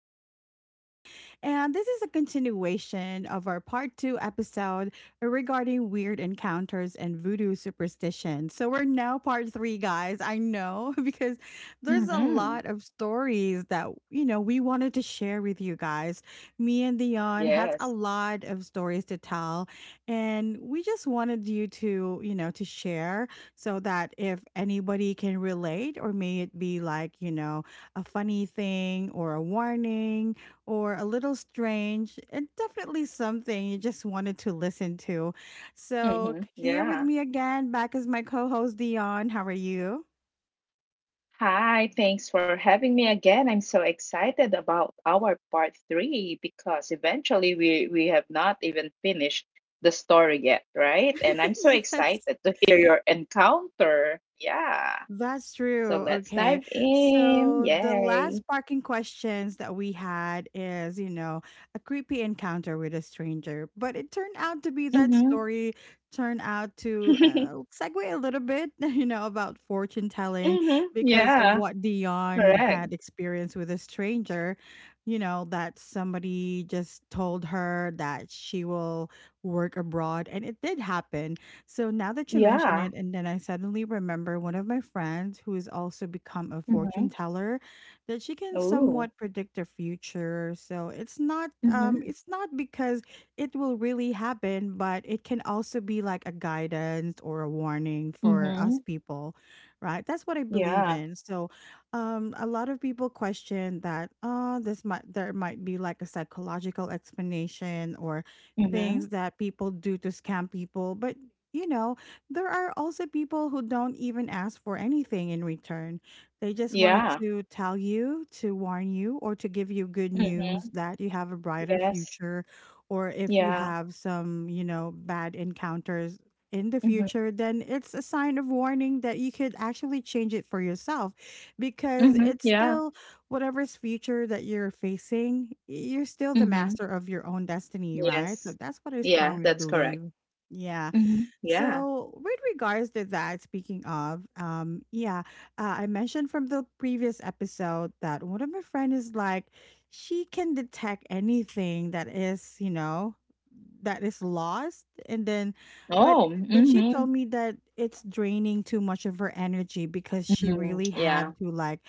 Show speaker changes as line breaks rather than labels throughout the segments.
host, Nika, and this is a continuation of our part two episode regarding weird encounters and voodoo superstition. So we're now part three, guys. I know because there's a
Mm-hmm.
lot of stories that, you know, we wanted to share with you guys. Me and Dion has
Yes.
a lot of stories to tell, and we just wanted you to, you know, to share so that if anybody can relate, or may it be like, you know, a funny thing or a warning or a little strange, and definitely something you just wanted to listen to. So,
Mm-hmm.
here with
Yeah.
me again, back as my co host, Dion. How are you?
Hi, thanks for having me again. I'm so excited about our part three because eventually we have not even finished the story yet, right? And I'm so
Yes.
excited to hear your encounter. Yeah.
That's
So
true.
let's
Okay.
dive in.
So the
Yay.
last parking questions that we had is, you know, a creepy encounter with a stranger, but it turned out to be that
Mm-hmm.
story turned out to segue a little bit, you know, about fortune telling
mm-hmm.
because of
Yeah.
what Dion
Correct.
had experienced with a stranger, you know, that somebody just told her that she will work abroad and it did happen. So now that you mention it,
Yeah.
and then I suddenly remember one of my friends who has also become a fortune
Mm-hmm.
teller, that she can somewhat
Oh.
predict the future. So it's not um
Mm-hmm.
it's not because it will really happen, but it can also be like a guidance or a warning for us
Mm-hmm.
people, right? That's what I believe
Yeah.
in. So a lot of people question that this might there might be like a psychological explanation or
Mm-hmm.
things that people do to scam people, but you know, there are also people who don't even ask for anything in return. They just wanted
Yeah.
to tell you, to warn you, or to give you good news that you have a brighter
Yes.
future, or if you
Yeah.
have some, you know, bad encounters in the
Mhm.
future, then it's a sign of warning that you could actually change it for yourself because
Mhm.
it's
Yeah.
still whatever's future that you're facing, you're still the
Mhm.
master of your own destiny, right? So
Yes.
that's what I
Yeah,
strongly
that's correct.
believe. Yeah.
Mhm. Yeah.
So, with regards to that, speaking of, I mentioned from the previous episode that one of my friend is like, she can detect anything that is, you know, that is lost, and then, but
Oh,
she told
mhm.
me that it's draining too much of her energy because she
Mhm.
really had
Yeah.
to like,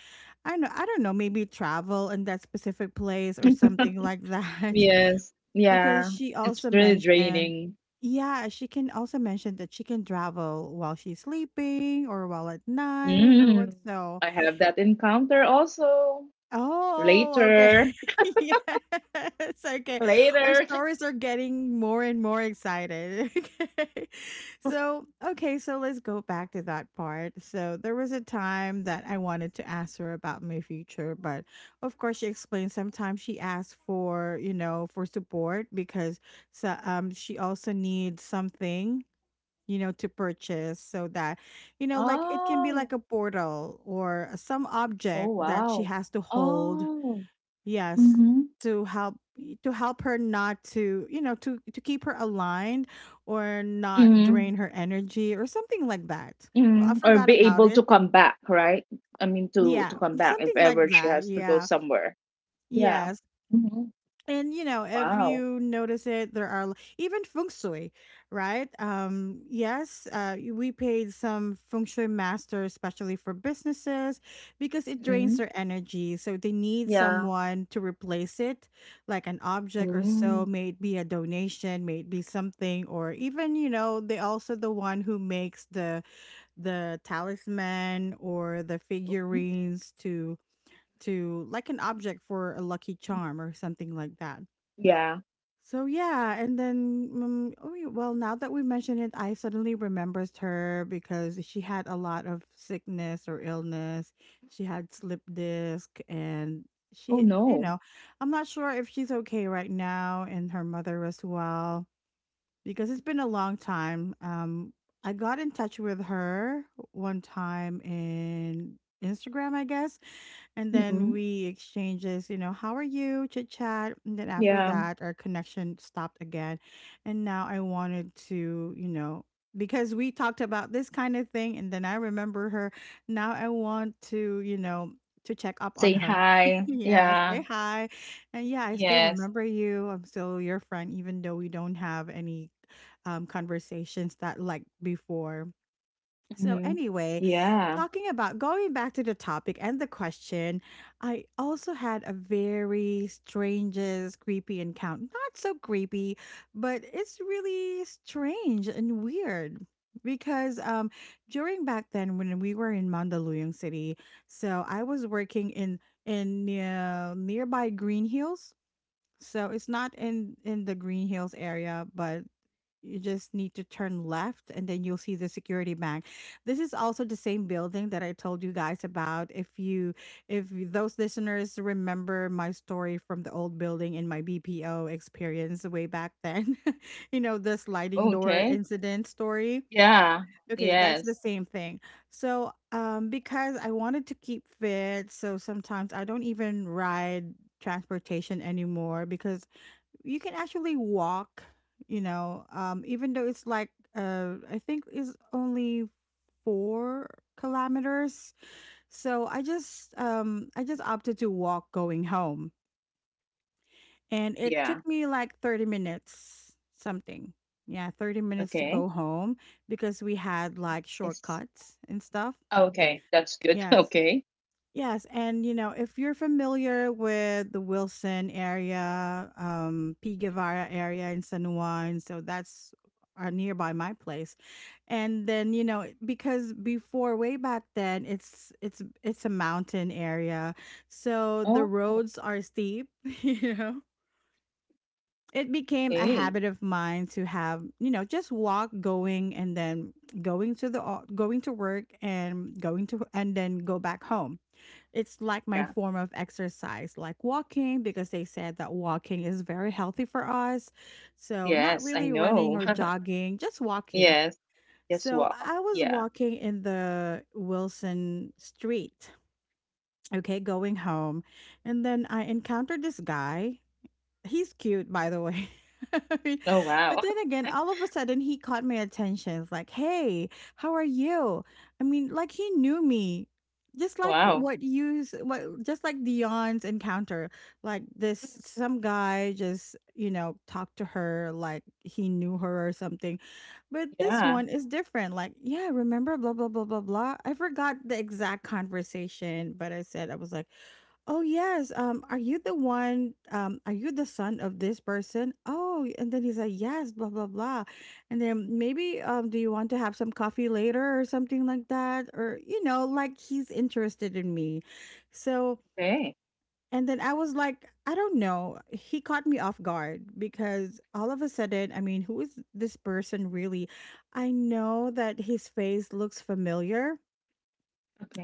I know, I don't know, maybe travel in that specific place or something like that
Yes.
because
Yeah.
she
It's
also
really
mentioned,
draining.
yeah, she can also mention that she can travel while she's sleeping or while at night or what.
Mm.
So
I have that encounter also.
oh, okay.
Later.
Yes, okay. Our
Later.
stories are getting more and more excited. Okay. So, okay, so let's go back to that part. So, there was a time that I wanted to ask her about my future, but of course, she explained sometimes she asks for, you know, for support because so, she also needs something, you know, to purchase so that you know like it can be
Oh.
like a portal or some
Oh,
object that she
wow.
has to hold.
Oh.
Yes,
Mhm.
to help, her not to, you know, to keep her aligned or not
Mhm.
drain her energy or something like that. Well, I
Mm, or
forgot
be
about
able to
it.
come back, right? I mean, to
Yeah,
come back if
something like
ever she
that,
has to go
yeah,
somewhere. Yeah.
yes.
Hmm.
And you know, if
Wow.
you notice it, there are even feng shui, right? Yes, we paid some feng shui masters, especially for businesses, because it drains
Mm.
their energy. So they need
Yeah.
someone to replace it, like an object or so,
Mm.
may it be a donation, may it be something, or even you know, they also the one who makes the talisman or the figurines to like an object for a lucky charm or something like that.
Yeah.
So yeah, and then oh yeah, well, now that we mention it, I suddenly remembers her because she had a lot of sickness or illness. She had slip disc, and
Oh
she, you
no.
know, I'm not sure if she's okay right now, and her mother as well because it's been a long time. I got in touch with her one time in Instagram, I guess, and then
Mm-mm.
we exchanges, you know, how are you, chit chat, and then after
Yeah.
that, our connection stopped again, and now I wanted to, you know. Because we talked about this kind of thing, and then I remember her. Now I want to, you know, to check up on
Say
her.
hi.
Yeah,
Yeah.
say hi. And yeah, I still
Yes.
remember you. I'm still your friend, even though we don't have any conversations that like before. So
Mm-hmm.
anyway,
Yeah.
talking about going back to the topic and the question, I also had a very strangest creepy encounter. Not so creepy, but it's really strange and weird because during back then when we were in Mandaluyong City, so I was working in nearby Green Hills. So it's not in the Green Hills area, but you just need to turn left and then you'll see the security bank. This is also the same building that I told you guys about. If you those listeners remember my story from the old building in my BPO experience way back then, you know, the sliding door
Okay.
incident story.
Yeah.
Okay, that's the
Yes.
same thing. So because I wanted to keep fit, so sometimes I don't even ride transportation anymore because you can actually walk, you know, even though it's like I think it's only 4 kilometers. So I just opted to walk going home, and it
Yeah.
took me like 30 minutes something. Yeah, 30 minutes to go
Okay.
home because we had like
It's
shortcuts and stuff.
oh, okay. That's good.
Yeah,
Okay.
yes, and you know, if you're familiar with the Wilson area, P. Guevara area in San Juan, so that's nearby my place. And then you know, because before way back then, it's a mountain area, so the
Oh,
roads are steep. You know, it became a
okay.
habit of mine to have you know just walk going and then going to the going to work and going to and then go back home. It's like my
Yeah.
form of exercise, like walking, because they said that walking is very healthy for us. So, not
Yes, I
really running
know.
or jogging, just walking.
Yes. Yes,
So,
what?
I was
Yeah.
walking in the Wilson Street, okay, going home. And then I encountered this guy. He's cute, by the way. But
Oh wow.
then again, all of a sudden he caught my attention. It's like, hey, how are you? I mean, like he knew me. Just like
wow.
what you, just like Dion's encounter, like this, some guy just, you know, talked to her like he knew her or something. But this
Yeah.
one is different. Like, yeah, remember, blah, blah, blah, blah, blah. I forgot the exact conversation, but I said, I was like, oh yes. Are you the one? Are you the son of this person? Oh, and then he's like, yes, blah blah blah, and then maybe do you want to have some coffee later or something like that, or you know, like he's interested in me. So,
Okay.
and then I was like, I don't know. He caught me off guard because all of a sudden, I mean, who is this person really? I know that his face looks familiar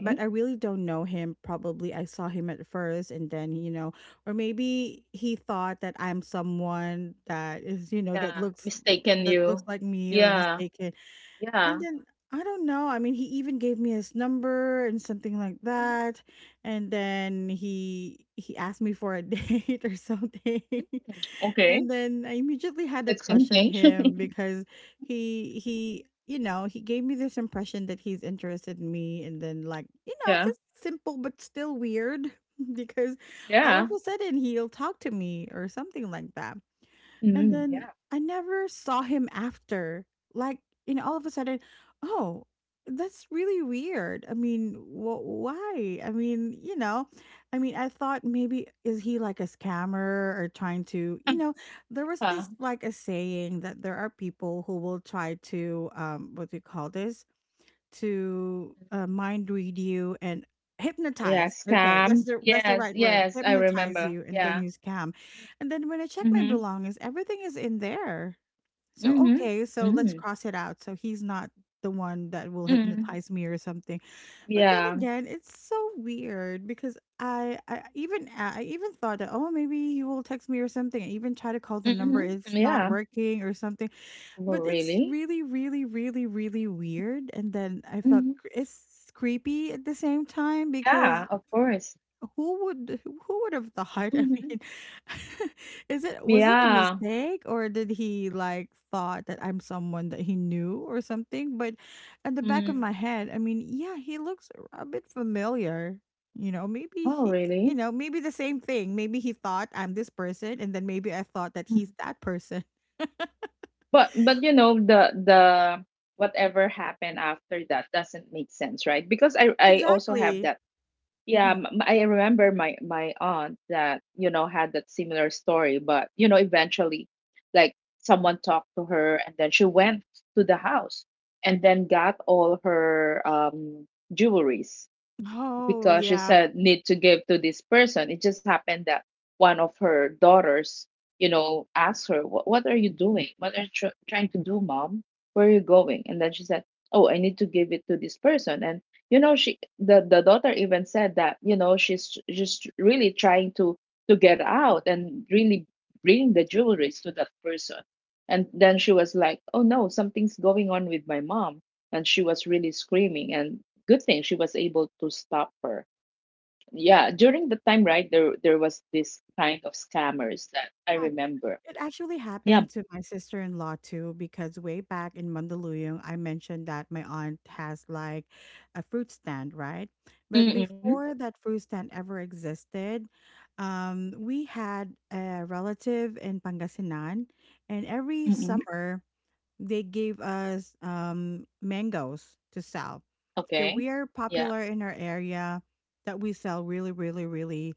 but I really don't know him. Probably I saw him at first and then, you know, or maybe he thought that I'm someone that is, you know,
Yeah. Mistaken
that looks
you.
like me or
Yeah.
mistaken. And
Yeah.
then I don't know. I mean, he even gave me his number and something like
Mhm.
that. And then he asked me for a date or something.
Okay.
And then I immediately had a
That's
crush on
something.
him because he you know, he gave me this impression that he's interested in me and then like, you know,
Yeah.
just simple but still weird because all of
Yeah.
a sudden he'll talk to me or something like that. And
Mhm.
then
Yeah.
I never saw him after. Like, you know, all of a sudden, oh, that's really weird. I mean, why? I mean, you know, I mean, I thought maybe is he like a scammer or trying to, you know, there was this
Yeah.
like a saying that there are people who will try to, what do you call this? To mind read you and
Yeah.
hypnotize. Okay, that's
Scam.
the
Yes.
right word.
Yes. I
Hypnotize
remember.
you and then
Yeah.
you scam. And then when I check my
Mhm.
belongings, everything is in there. So
Mhm.
okay, so let's
Mhm.
cross it out. So he's not the one that will
Mhm.
hypnotize me or something. But then
Yeah.
again, it's so weird because I even thought that, oh, maybe he will text me or something. I even try to call the number.
Mhm.
It's not
Yeah.
working or something.
Well,
But it's
really?
really, really, really, really weird. And then I felt
Mhm.
it's creepy at the same time because
Yeah. Of course.
who would who would have thought? I
Mhm.
mean, is it was it a
Yeah.
mistake, or did he like thought that I'm someone that he knew or something? But at the back of
Mm.
my head, I mean, yeah, he looks a bit familiar. You know, maybe
Oh,
he, you
really?
know, maybe the same thing. Maybe he thought I'm this person, and then maybe I thought that
Mm.
he's that person.
But you know the whatever happened after that doesn't make sense, right? Because I also have
Exactly.
that. Yeah, I remember my aunt that you know had that similar story, but you know eventually, like someone talked to her, and then she went to the house and then got all her jewelries
Oh,
because she
yeah.
said need to give to this person. It just happened that one of her daughters, you know, asked her, what are you doing? What are you trying to do, mom? Where are you going?" And then she said, "Oh, I need to give it to this person." And you know, she the daughter even said that you know she's just really trying to get out and really bring the jewelry to that person. And then she was like, "Oh no, something's going on with my mom." And she was really screaming. And good thing she was able to stop her. Yeah, during the time, right, there was this kind of scammers that I
Yeah.
remember.
It actually
Yeah.
happened to my sister-in-law too, because way back in Mandaluyong, I mentioned that my aunt has like a fruit stand, right? But
Mm-mm,
before that fruit stand ever existed, we had a relative in Pangasinan, and every
mm-mm.
summer they gave us mangoes to sell. So
Okay.
we are
Yeah.
popular in our area that we sell really, really, really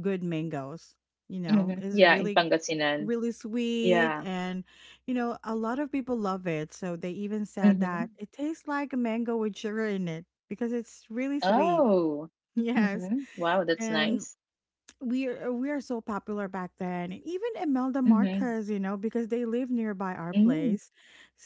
good mangoes. You know,
Mm-hmm.
it's
Yeah, in
really,
Pangasinan.
really sweet.
Yeah.
And, you know, a lot of people love it. So they even said
Mm-hmm.
that it tastes like a mango with sugar in it because it's really sweet.
Oh.
Yes.
Mm-hmm. Wow, that's
And
nice.
we are so popular back then. And even Imelda
Mm-hmm.
Marcos, you know, because they live nearby our
Mm.
place.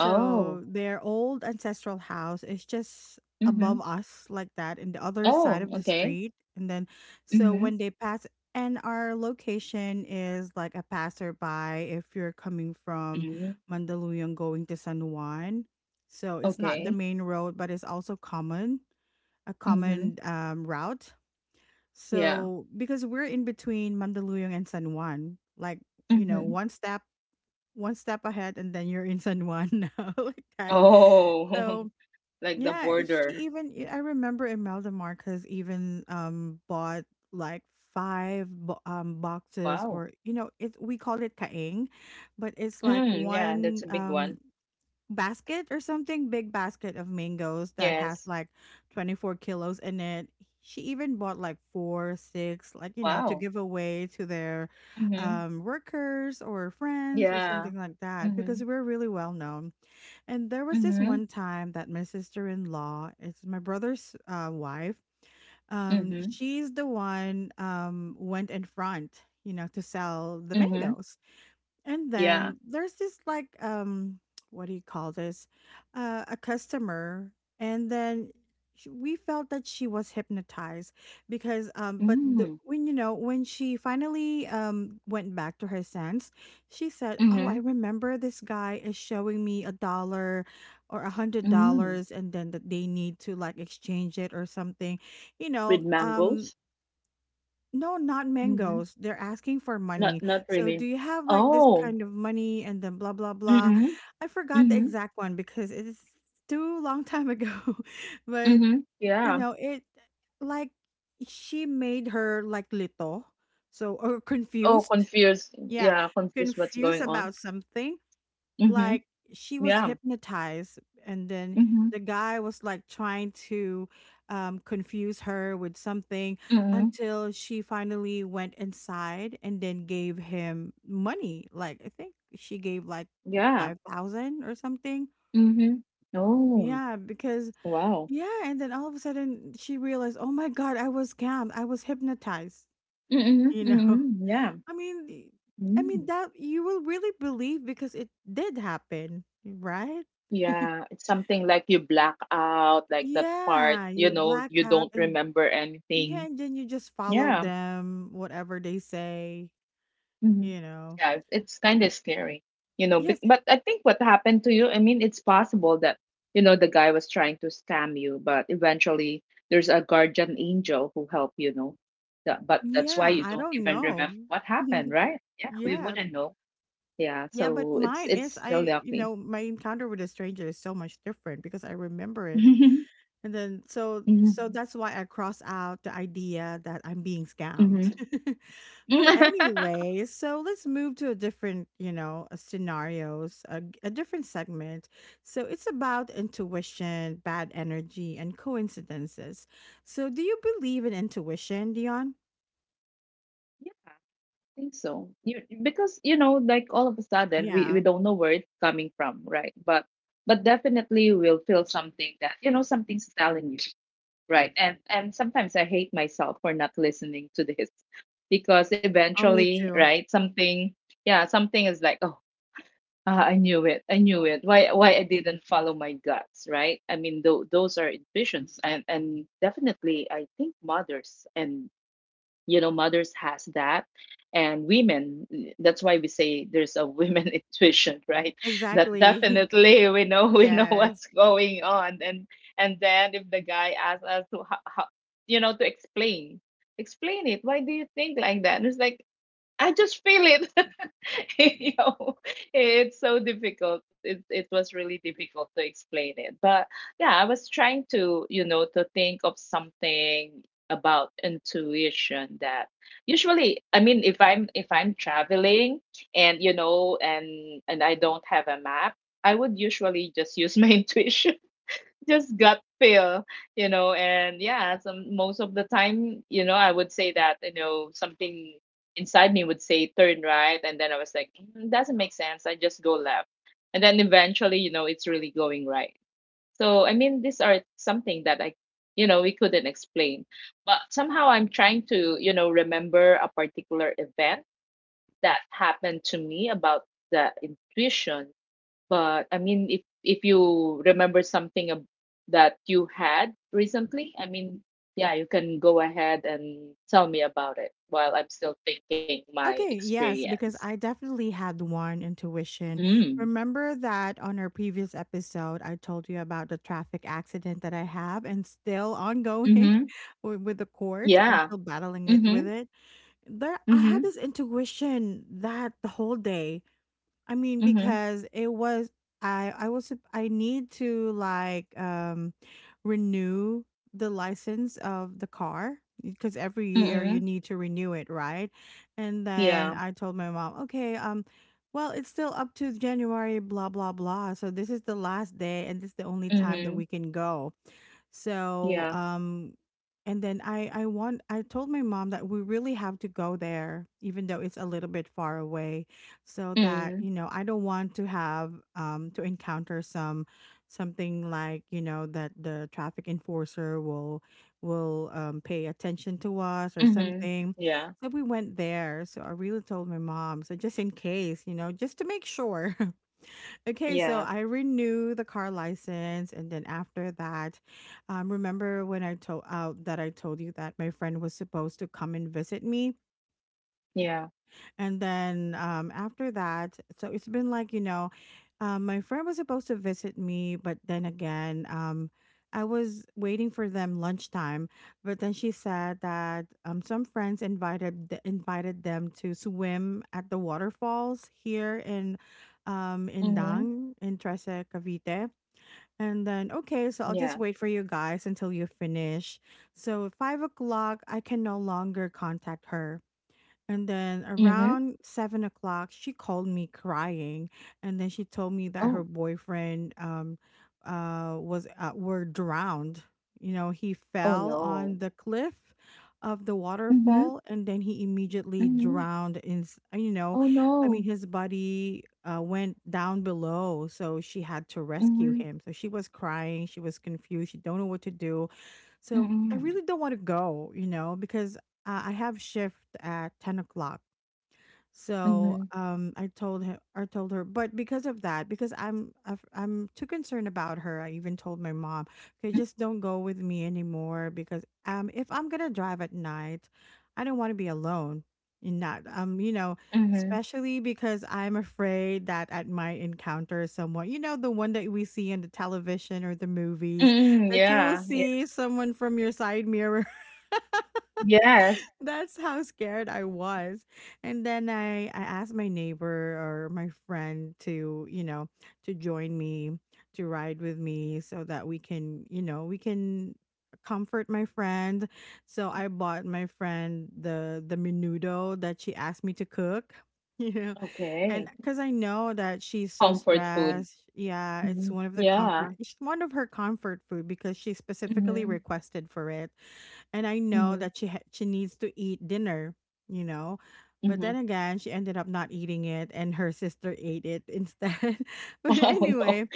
Oh.
their old ancestral house is just
Mm-hmm.
above us like that in the other side
Oh,
of the
okay.
street. And then so
Mm-hmm.
when they pass, and our location is like a passerby if you're coming from
Mm-hmm.
Mandaluyong going to San Juan. So it's not the
Okay.
main road, but it's also common, a
Mm-hmm.
common route,
Yeah.
so because we're in between Mandaluyong and San Juan, like, you know,
Mm-hmm.
one step ahead, and then you're in San Juan now, like that.
Oh,
So
like the
yeah,
border.
she even, I remember Imelda Marcos even bought like boxes,
Wow.
or you know, it, we call it kaing, but it's like
Mm, yeah,
one
that's a big one.
basket or something, big basket of mangoes that has
Yes.
like 24 kilos in it. She even bought like four, six, like, you know, to
Wow.
give away to their
Mm-hmm.
workers or friends or
Yeah.
something like that because
Mm-hmm.
we're really well known. And there was this
Mm-hmm.
one time that my sister in law, it's my brother's wife,
Mm-hmm.
she's the one went in front, you know, to sell the
Mm-hmm.
mangoes. And
Yeah.
then there's this like what do you call this? A customer, and then we felt that she was hypnotized because but
Mm-hmm.
when, you know, when she finally went back to her sense, she said, oh, I
Mm-hmm.
remember this guy is showing me a dollar or a hundred
Mm-hmm.
dollars and then that they need to like exchange it or something, you
With
know.
mangoes?
No, not
Mm-hmm.
mangoes. They're asking for
Not
money.
not
So,
really.
do you have like this
Oh.
kind of money and then blah blah blah?
Mm-hmm.
I forgot the
Mm-hmm.
exact one because it is too long time ago. But
Mm-hmm.
you
Yeah.
know, it, like, she made her like little, so or
Oh,
confused.
confused.
Yeah,
Yeah, confused what's
confused
going on.
about something,
Mm-hmm.
like, she was
Yeah.
hypnotized, and then
Mm-hmm.
the guy was like trying to, confuse her with something
Mm-hmm.
until she finally went inside and then gave him money. Like, I think she gave like
Yeah.
5,000 or something.
Mm-hmm. Oh.
Yeah, because,
Wow.
yeah. And then all of a sudden she realized, oh my God, I was scammed. I was hypnotized,
Mm-hmm.
you know?
Mm-hmm. Yeah.
I mean, I mean,
Mm-hmm.
that you will really believe because it did happen, right?
Yeah, it's something like you black out, like that part,
Yeah,
you
you
know,
black
you
out,
don't
and
remember
yeah,
anything.
and then you just follow
Yeah.
them, whatever they say,
Hmm.
you know.
Yeah, it's kind of scary, you know.
Yes,
But I think what happened to you, I mean, it's possible that, you know, the guy was trying to scam you, but eventually there's a guardian angel who helped you know. That, but that's why
yeah,
you
I
don't
don't
even
know.
remember what happened, right? Yeah, we
Yeah.
wouldn't know. Yeah,
Yeah, but
so
mine
it's
is,
still
I, you
lucky.
know, my encounter with a stranger is so much different because I remember it. And then so
Hmm.
that's why I cross out the idea that I'm being scammed.
Hmm.
But anyway, so let's move to a different, you know, scenarios, a, a different segment. So it's about intuition, bad energy, and coincidences. So do you believe in intuition, Dion?
Think so. You because you know, like all of a sudden we
Yeah.
don't know where it's coming from, right? But definitely we'll feel something that you know something's telling you, right? And sometimes I hate myself for not listening to this because
Oh, me
eventually,
too.
right? Yeah, something is like, oh, ah, I knew it, I knew it. Why I didn't follow my guts, right? I mean, those are intuitions, and definitely I think mothers and you know mothers has that and women that's why we say there's a women intuition right that
Exactly.
definitely we know we know
Yes.
what's going on and then if the guy asks us to how, you know to explain it why do you think like that and it's like I just feel it. You know, it's so difficult. It was really difficult to explain it. But yeah, I was trying to, you know, to think of something about intuition that usually I mean if I'm traveling and you know and I don't have a map, I would usually just use my intuition just gut feel, you know, and yeah, some most of the time, you know, I would say that, you know, something inside me would say turn right, and then I was like, mm, doesn't make sense. I just go left, and then eventually, you know, it's really going right. So I mean, these are something that I, you know, we couldn't explain, but somehow I'm trying to, you know, remember a particular event that happened to me about the intuition but I mean, if you remember something that you had recently, I mean, yeah, you can go ahead and tell me about it while I'm still thinking my
Okay, yes, because
experience.
I definitely had one intuition.
Mm.
Remember that on our previous episode, I told you about the traffic accident that I have and still ongoing
Mm-hmm.
with the court. I'm
Yeah.
still battling it
Mm-hmm.
with it. There, I
Mm-hmm.
had this intuition that the whole day, I mean,
Mm-hmm.
because it was, I was I need to like renew the license of the car because every year
Mm-hmm.
you need to renew it, right? And then
Yeah.
I told my mom, okay, well, it's still up to January, blah blah blah. So this is the last day, and this is the only time that
Mm-hmm.
we can go. So,
Yeah.
and then I told my mom that we really have to go there, even though it's a little bit far away, so that
Mm-hmm.
you know I don't want to have to encounter some something like, you know, that the traffic enforcer will pay attention to us or
Mm-hmm.
something.
Yeah.
So we went there. So I really told my mom. So just in case, you know, just to make sure. Okay, so
Yeah.
I renew the car license, and then after that, remember when I told out that I told you that my friend was supposed to come and visit me?
Yeah.
And then after that, so it's been like, you know, my friend was supposed to visit me, but then again, I was waiting for them lunchtime. But then she said that some friends invited invited them to swim at the waterfalls here
Mm-hmm.
in Dang in Trece, Cavite. And then
Yeah.
okay, so I'll just wait for you guys until you finish. So 5 o'clock, I can no longer contact her, and then
Mm-hmm.
around 7 o'clock, she called me crying, and then she told me that
Oh.
her boyfriend was were drowned. You know, he
Oh
fell
no.
on the cliff of the
Mm-hmm.
waterfall, and then he immediately
Mm-hmm.
drowned. In you know,
Oh
I mean,
no.
his body went down below, so she had to rescue
Mm-hmm.
him. So she was crying, she was confused, she don't know what to do, so I really
Mm-hmm.
don't want to go, you know, because I have shift at 10 o'clock. So
Mhm.
I told her, but because of that, because I'm too concerned about her. I even told my mom, okay,
M
just don't go with me anymore because, if I'm gonna drive at night, I don't want to be alone. And not, you know,
mhm.
especially because I'm afraid that I might encounter someone, you know, the one that we see on the television or the movies,
Mm,
that you will
yeah, yeah.
see someone from your side mirror.
Yes.
That's how scared I was. And then I asked my neighbor or my friend to, you know, to join me, to ride with me so that we can, you know, we can comfort my friend. So I bought my friend the menudo that she asked me to cook. You know, and
Okay.
because I know that she's so
Comfort food.
stressed, yeah, it's
Mhm.
one of the
Yeah.
comfort, it's one of her comfort food because she specifically
Mhm.
requested for it, and I know
Mhm.
that she needs to eat dinner, you know. But then
Mhm.
again, she ended up not eating it, and her sister ate it instead. But
Oh, no.
anyway,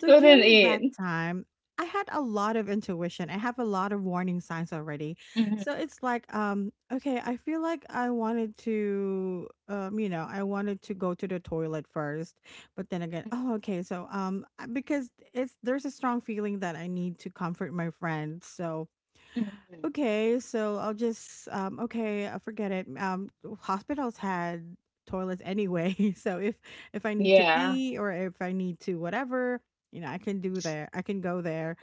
so during that
eat.
time, I had a lot of intuition. I have a lot of warning signs already.
Mhm.
So it's like, okay, I feel like I wanted to, you know, I wanted to go to the toilet first. But then again, oh, okay, so because it's there's a strong feeling that I need to comfort my friend. So
Mhm.
okay, so I'll just okay, forget it. Um, hospitals had toilets anyway. So if I need to
Yeah.
pee or if I need to whatever, you know, I can do there. I can go there.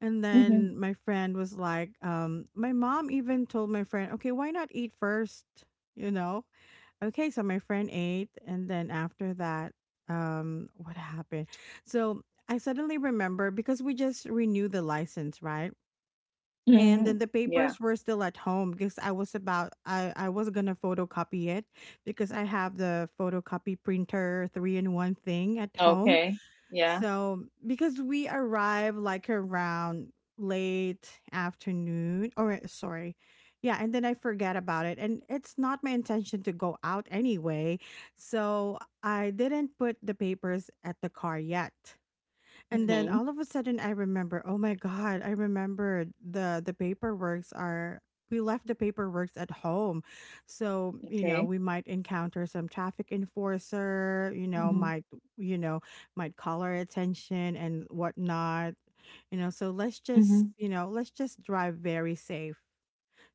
And
Mhm.
then my friend was like, my mom even told my friend, "Okay, why not eat first? You know?" Okay, so my friend ate, and then after that, um, what happened? So I suddenly remember because we just renewed the license, right? And then
Mhm.
the
Yeah.
papers were still at home because I was gonna photocopy it because I have the photocopy printer three in one thing at home.
Okay. Yeah.
So because we arrived like around late afternoon or eh, sorry. Yeah, and then I forget about it. And it's not my intention to go out anyway. So I didn't put the papers at the car yet. And then
Mhm.
all of a sudden I remember, oh my god, I remembered the paperworks are we left the paperworks at home. So, you know,
Okay.
we might encounter some traffic enforcer, you know,
Mhm.
might you know, might call our attention and whatnot. You know, so
Mhm.
let's just drive very safe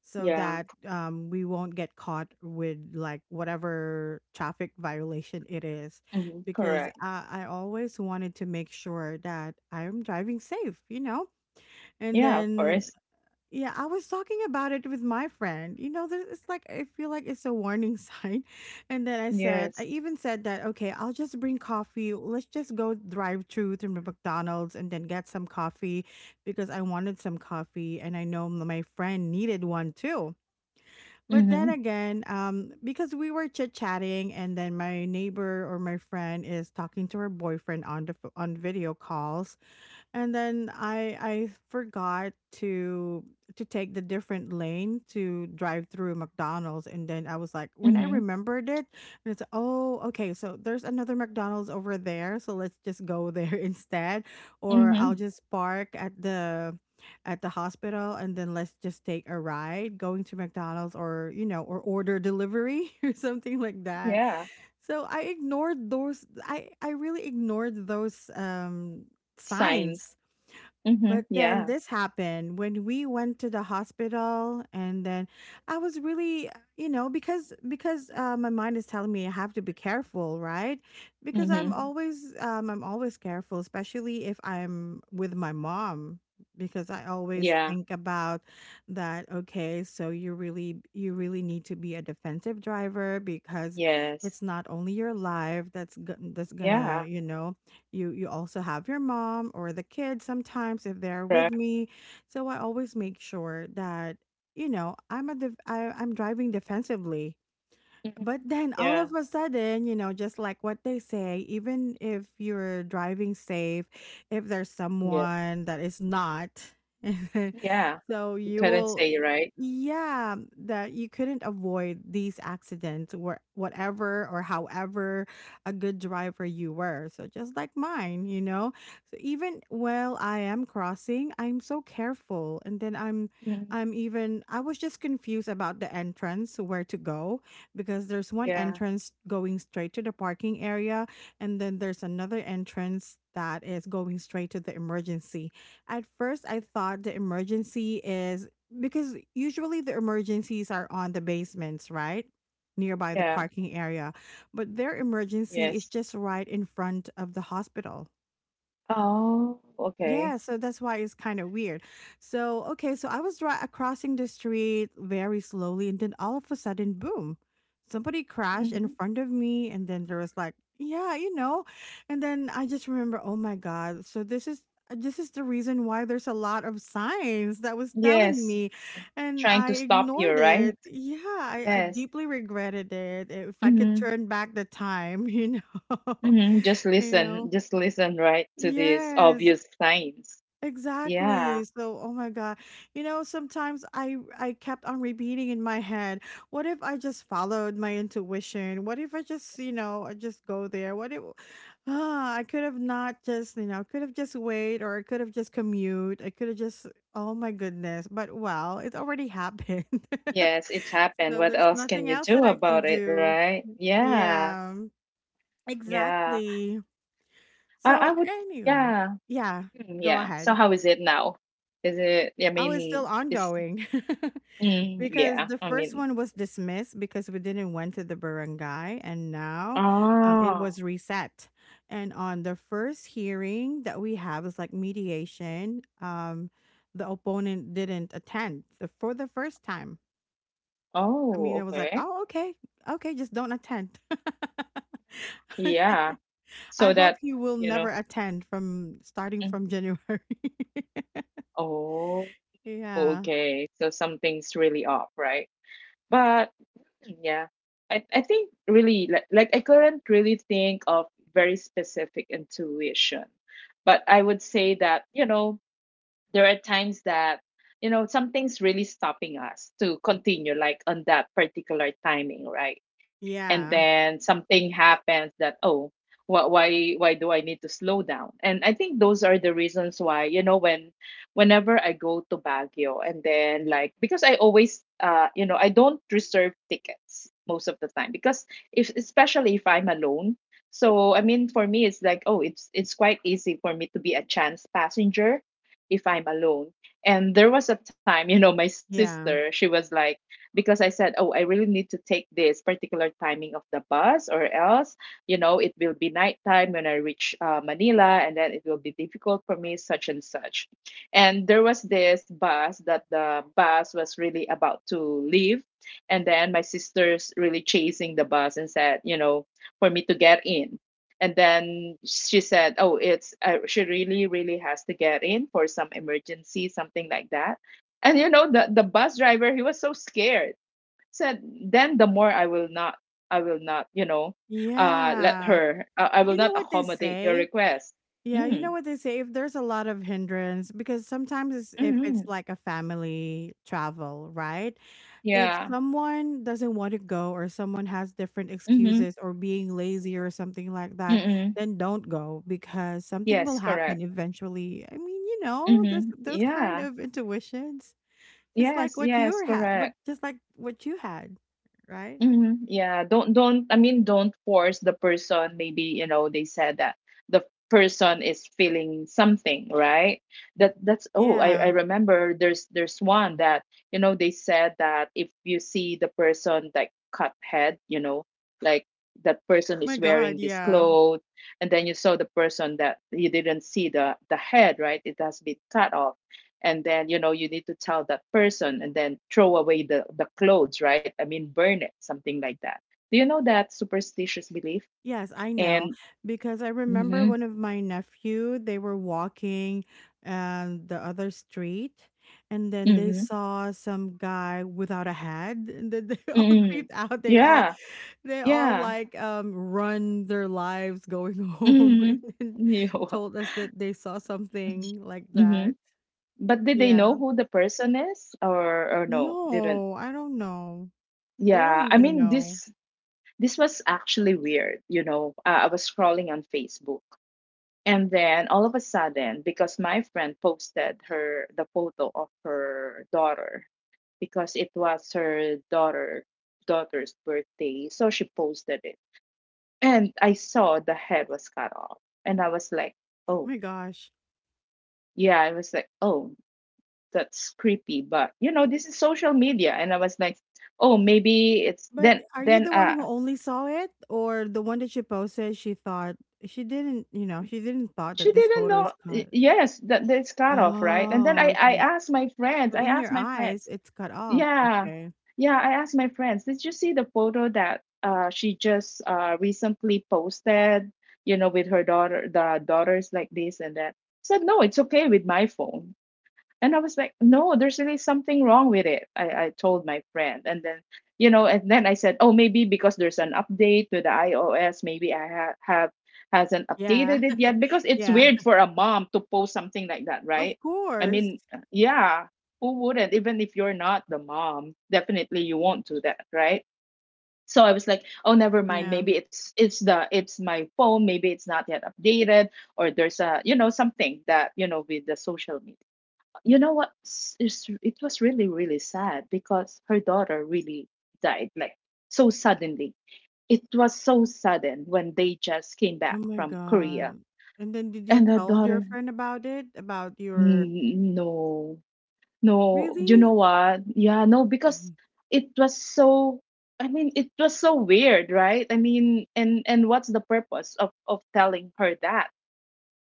so
Yeah.
that we won't get caught with like whatever traffic violation it is
Mhm.
because
Correct.
I always wanted to make sure that I'm driving safe, you know. And
Yeah, of
then
course.
yeah, I was talking about it with my friend, you know, it's like I feel like it's a warning sign. And then i said i
Yes.
even said that okay, I'll just bring coffee, let's just go drive through to McDonald's and then get some coffee because I wanted some coffee and I know my friend needed one too. But then
Mhm.
again, because we were chit chatting, and then my neighbor or my friend is talking to her boyfriend on the on video calls, and then I forgot to to take the different lane to drive through McDonald's, and then I was like, when I
Mhm.
remembered it, and it's oh okay, so there's another McDonald's over there, so let's just go there instead, or I'll
Mhm.
just park at the hospital and then let's just take a ride going to McDonald's or you know or order delivery or something like that.
Yeah.
So I ignored those, I really ignored those
Signs.
signs.
Mhm.
But then
Yeah.
this happened when we went to the hospital, and then I was really, you know, because my mind is telling me I have to be careful, right? Because
Mhm.
I'm always careful, especially if I'm with my mom, because I always
Yeah.
think about that. Okay, so you really need to be a defensive driver because
Yes.
it's not only your life that's that's gonna
Yeah.
you know, you also have your mom or the kids sometimes if they're with
Correct.
me. So I always make sure that, you know, I'm a I'm driving defensively.
Mhm.
But then all
Yeah.
of a sudden, you know, just like what they say, even if you're driving safe, if there's
Yeah. Yeah.
someone that is not,
Yeah.
so
You
you
couldn't
will,
say, it, right?
yeah, that you couldn't avoid these accidents, where whatever or however a good driver you were. So just like mine, you know, so even while I am crossing, I'm so careful, and then
Mhm.
I'm even I was just confused about the entrance where to go because there's one
Yeah.
entrance going straight to the parking area, and then there's another entrance that is going straight to the emergency. At first, I thought the emergency is because usually the emergencies are on the basements, right? Nearby the
Yeah.
parking area, but their emergency is
Yes.
just right in front of the hospital.
Oh, okay.
Yeah, so that's why it's kind of weird. So, okay, so I was crossing the street very slowly, and then all of a sudden, boom, somebody crashed in
Mhm.
front of me. And then there was like, yeah, you know. And then I just remember, oh my God. This is the reason why there's a lot of signs that was telling
Yes.
me, and
Trying
I
to stop you,
ignored it.
right?
Yeah, I
Yes.
deeply regretted it. If I could
Mm-hmm.
turn back the time, you know,
Mm-hmm. Just
you know,
listen. Just listen, right, to these
yes,
obvious signs. Yeah.
exactly. So, oh my God. You know, sometimes I kept on repeating in my head, what if I just followed my intuition? What if I just, you know, I just go there? What if I could have not just, you know, could have just wait or I could have just commute. I could have just, oh my goodness. But well, it already happened.
Yes, it happened.
So
What
there's
else can
nothing
you
else that
do
I can
about it,
do.
right? Yeah.
Yeah,
Yeah.
exactly.
I
So
would,
anyway,
yeah.
yeah,
Mm,
go
yeah. So
ahead.
how is it now? Is it, I
Oh, it's still
mean, it's,
ongoing.
mm,
Because
yeah,
the
I
first
mean,
one was dismissed because we didn't went to the barangay, and now it
oh,
was reset. And on the first hearing that we have is like mediation. The opponent didn't attend for the first time. I mean, I
oh,
was like,
okay.
oh, okay, okay, just don't attend.
Yeah.
I
So
hope
that,
you will
you
never
know,
attend from starting
mm,
from January.
oh,
Yeah,
okay. So something's really off, right? But mm, yeah, I think really like I couldn't really think of very specific intuition, but I would say that, you know, there are times that you know something's really stopping us to continue like on that particular timing right and
yeah,
then something happens that oh why do I need to slow down and I think those are the reasons why you know when whenever I go to Baguio and then like because I always you know I don't reserve tickets most of the time because if especially if I'm alone so I mean for me it's like oh it's quite easy for me to be a chance passenger if I'm alone. And there was a time, you know, my sister,
yeah.
she was like, because I said, oh, I really need to take this particular timing of the bus, or else, you know, it will be nighttime when I reach Manila, and then it will be difficult for me, such and such. And there was this bus that the bus was really about to leave. And then my sister's really chasing the bus and said, you know, for me to get in. And then she said, "Oh, it's she really, really has to get in for some emergency, something like that." And you know, the bus driver, he was so scared. Said, "Then the more I will not, you know, let
Yeah.
her. I will
You
not
know what they
accommodate your
say?
request."
Yeah, you know
Mm,
what they say? If there's a lot of hindrance, because sometimes it's, if
mm-hmm.
it's like a family travel, right? If
Yeah.
someone doesn't want to go or someone has different
Mm-hmm.
excuses or being lazy or something like that,
Mm-hmm.
then don't go because something will
Yes, correct.
happen eventually. I mean, you know, this
Mm-hmm.
those kind
Yeah.
of intuitions, just like
Yes.
what
Yes,
you had, what
correct.
just like what you had, right?
Mhm, yeah, don't I mean don't force the person maybe you know they said that the person is feeling something, right? That that's oh, I
Yeah.
remember there's one that you know they said that if you see the person like cut head, you know, like that person
My
is
God,
wearing this
yeah.
clothes and then you saw the person that you didn't see the head, right? It has been cut off and then you know you need to tell that person and then throw away the clothes right I mean burn it something like that do you know that superstitious belief
Yes, I know
and
because I remember
mm-hmm,
one of my nephew, they were walking the other street and then they
mm-hmm,
saw some guy without a head and then they all
mm-hmm.
creeped out.
Yeah.
They all
Yeah.
like run their lives going home, and then
Mm-hmm.
told us that they saw something like
Mm-hmm. Mm-hmm.
that.
But did they know
Yeah.
who the person is or no didn't
No, I don't know. They don't
yeah I
even
mean
know.
this this was actually weird you know I was scrolling on Facebook. And then all of a sudden, because my friend posted her the photo of her daughter, because it was her daughter's birthday, so she posted it. And I saw the head was cut off. And I was like,
Oh
oh,
my gosh.
yeah, I was like, oh, that's creepy. But you know, this is social media. And I was like, oh, maybe it's
But are you
then
the one who only saw it or the one that she posted she thought she didn't, you know, she didn't thought
she
that this
didn't
photo
know
is cut.
yes, that it's cut off, right? And then I,
Oh,
I
okay.
asked my friends,
So
I
in your
asked my
eyes
friends.
it's cut off.
Yeah.
Okay.
Yeah, I asked my friends, did you see the photo that she just recently posted, with her daughter, the daughters like this and that. Said no, it's okay with my phone. And I was like, no, there's really something wrong with it. I told my friend. And then, I said, oh, maybe because there's an update to the iOS, maybe I ha- have hasn't
Yeah.
updated it yet because it's
Yeah.
weird for a mom to post something like that,
Of
right? I
course.
mean, yeah, who wouldn't? Even if you're not the mom, definitely you won't do that, right? So I was like, oh, never mind.
Yeah.
Maybe it's my phone. Maybe it's not yet updated, or there's a something that with the social media. It was really really sad because her daughter really died like so suddenly. It was so sudden when they just came
Oh
back
my
from Korea,
god. And then did you
and her
told your
daughter.
friend about it? About your
"No, no, you
really?
know what, yeah, no, because
Mhm.
it was so I mean it was so weird, right? I mean, and what's the purpose of telling her that,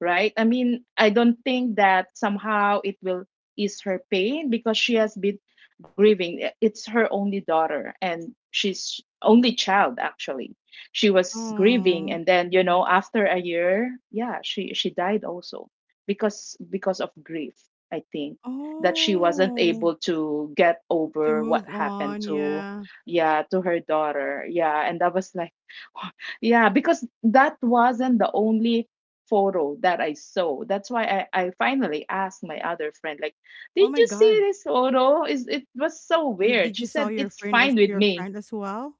right? I mean, I don't think that somehow it will ease her pain because she has been grieving. It's her only daughter and she's only child actually. She was grieving,
Oh.
and then, after a year, yeah, she died also because of grief, I think. That she wasn't
Oh.
able to get
To
over what
move
happened
on,
to,
yeah.
yeah, to her daughter. Yeah, and that was like yeah, because that wasn't the only photo that I saw. That's why I finally asked my other friend, like,
Oh
did
my
you see
god.
this photo? Is it was so
You
weird.
did
She
you saw
said, "It's fine with
your
me."
friend as well?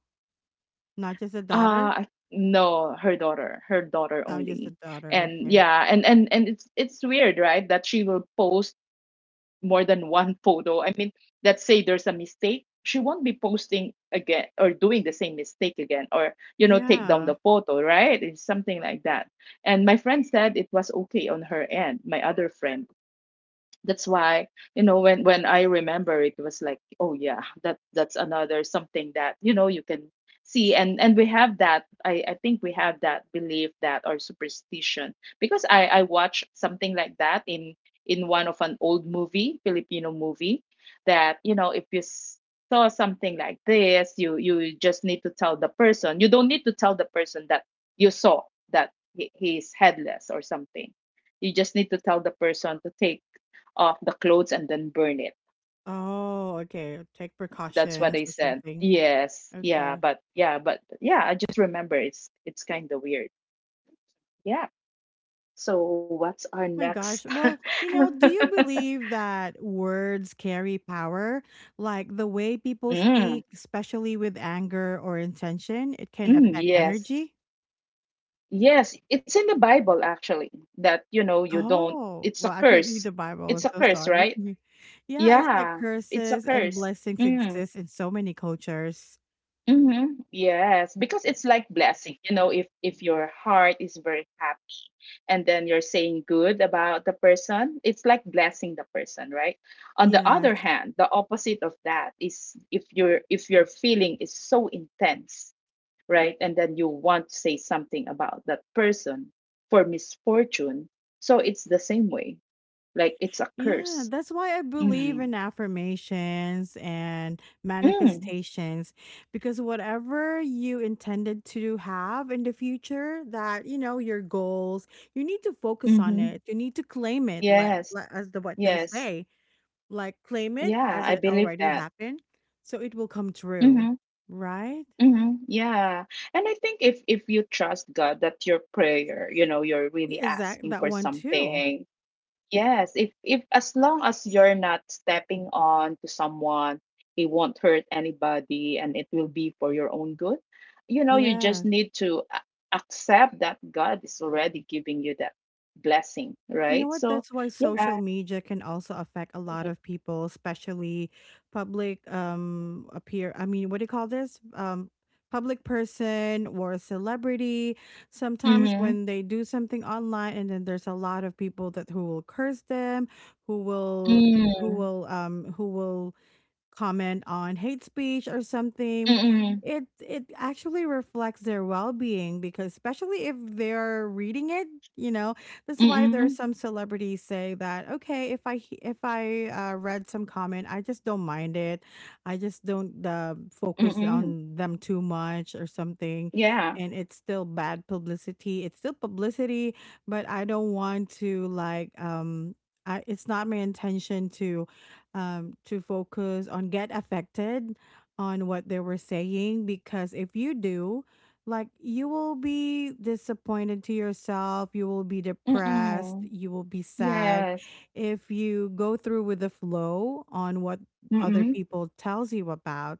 Not just a
Uh
daughter?
no, her daughter. Her daughter
Oh, just
only.
a daughter,
And,
okay.
yeah, and it's weird, right? That she will post more than one photo. I mean, let's say there's a mistake, she won't be posting again or doing the same mistake again, or, take down
Yeah.
the photo, right? It's something like that. And my friend said it was okay on her end, my other friend. That's why, when I remember, it was like, oh, yeah, that's another something that, you can see. And we have that, I think we have that belief that, or superstition, because I watched something like that in one of an old movie, Filipino movie. That, if you saw something like this, you just need to tell the person. You don't need to tell the person that you saw, that he is headless or something. You just need to tell the person to take off the clothes and then burn it.
Oh, okay, take
That's what I
precautions or
said.
something.
Yes. Yeah,
Okay.
but yeah, but yeah, I just remember it's kind of weird. Yeah. So what's our
My
next?
gosh, well, you know, do you
mm,
believe that words carry power? Like, the way people
mm,
speak, especially with anger or intention, it can affect
yes.
energy?
Yes, it's in the Bible actually, that you don't,
Oh,
it's a
well, I don't read
curse.
the Bible,
It's
I'm
a
so
curse,
sorry.
right?
Yeah, it's like
Yeah, it's a
curses and
curse.
blessings
Mm.
exist in so many cultures.
Mm-hmm. Yes, because it's like blessing. You know, if your heart is very happy and then you're saying good about the person, it's like blessing the person, right? On the
Yeah,
other hand, the opposite of that is, if your feeling is so intense, right? And then you want to say something about that person, for misfortune. So it's the same way. Like, it's a
yeah,
curse.
that's why I believe
Mm.
in affirmations and
Mm.
manifestations because whatever you intended to have in the future, that you know, your goals, you need to focus on
Mm-hmm.
it. You need to claim it, like,
Yes.
as the what they
Yes.
say, like claim
Yeah,
it
I
as
believe
it
that.
already happened, so it will come
Mm-hmm.
true, right?
Mm-hmm. Yeah. And I think if you trust God that your prayer, you're really
Exact
asking
that
for
one too.
something. Yes, if as long as you're not stepping on to someone, it won't hurt anybody and it will be for your own good. You know, you just
Yes.
need to accept that God is already giving you that blessing,
You know
right?
what?
So,
That's why
yeah.
social media can also affect a lot of people, especially public appear. I mean, what do you call this? Public person or celebrity. Sometimes
Mm-hmm.
when they do something online, and then there's a lot of people that who will curse them, who will
Mm-hmm.
who will comment on hate speech or something,
Mm-hmm.
it actually reflects their well-being because especially if they're reading it, you know, that's why there are
Mm-hmm.
some celebrities say that, okay, if I read some comment, I just don't mind it. I just don't focus
Mm-hmm.
on them too much or something,
Yeah.
and it's still bad publicity. It's still publicity, but I don't want to like it's not my intention to focus on get affected on what they were saying, because if you do like you will be disappointed to yourself, you will be depressed,
Mm-mm.
you will be sad
Yes.
if you go through with the flow on what other
Mm-mm.
people tells you about.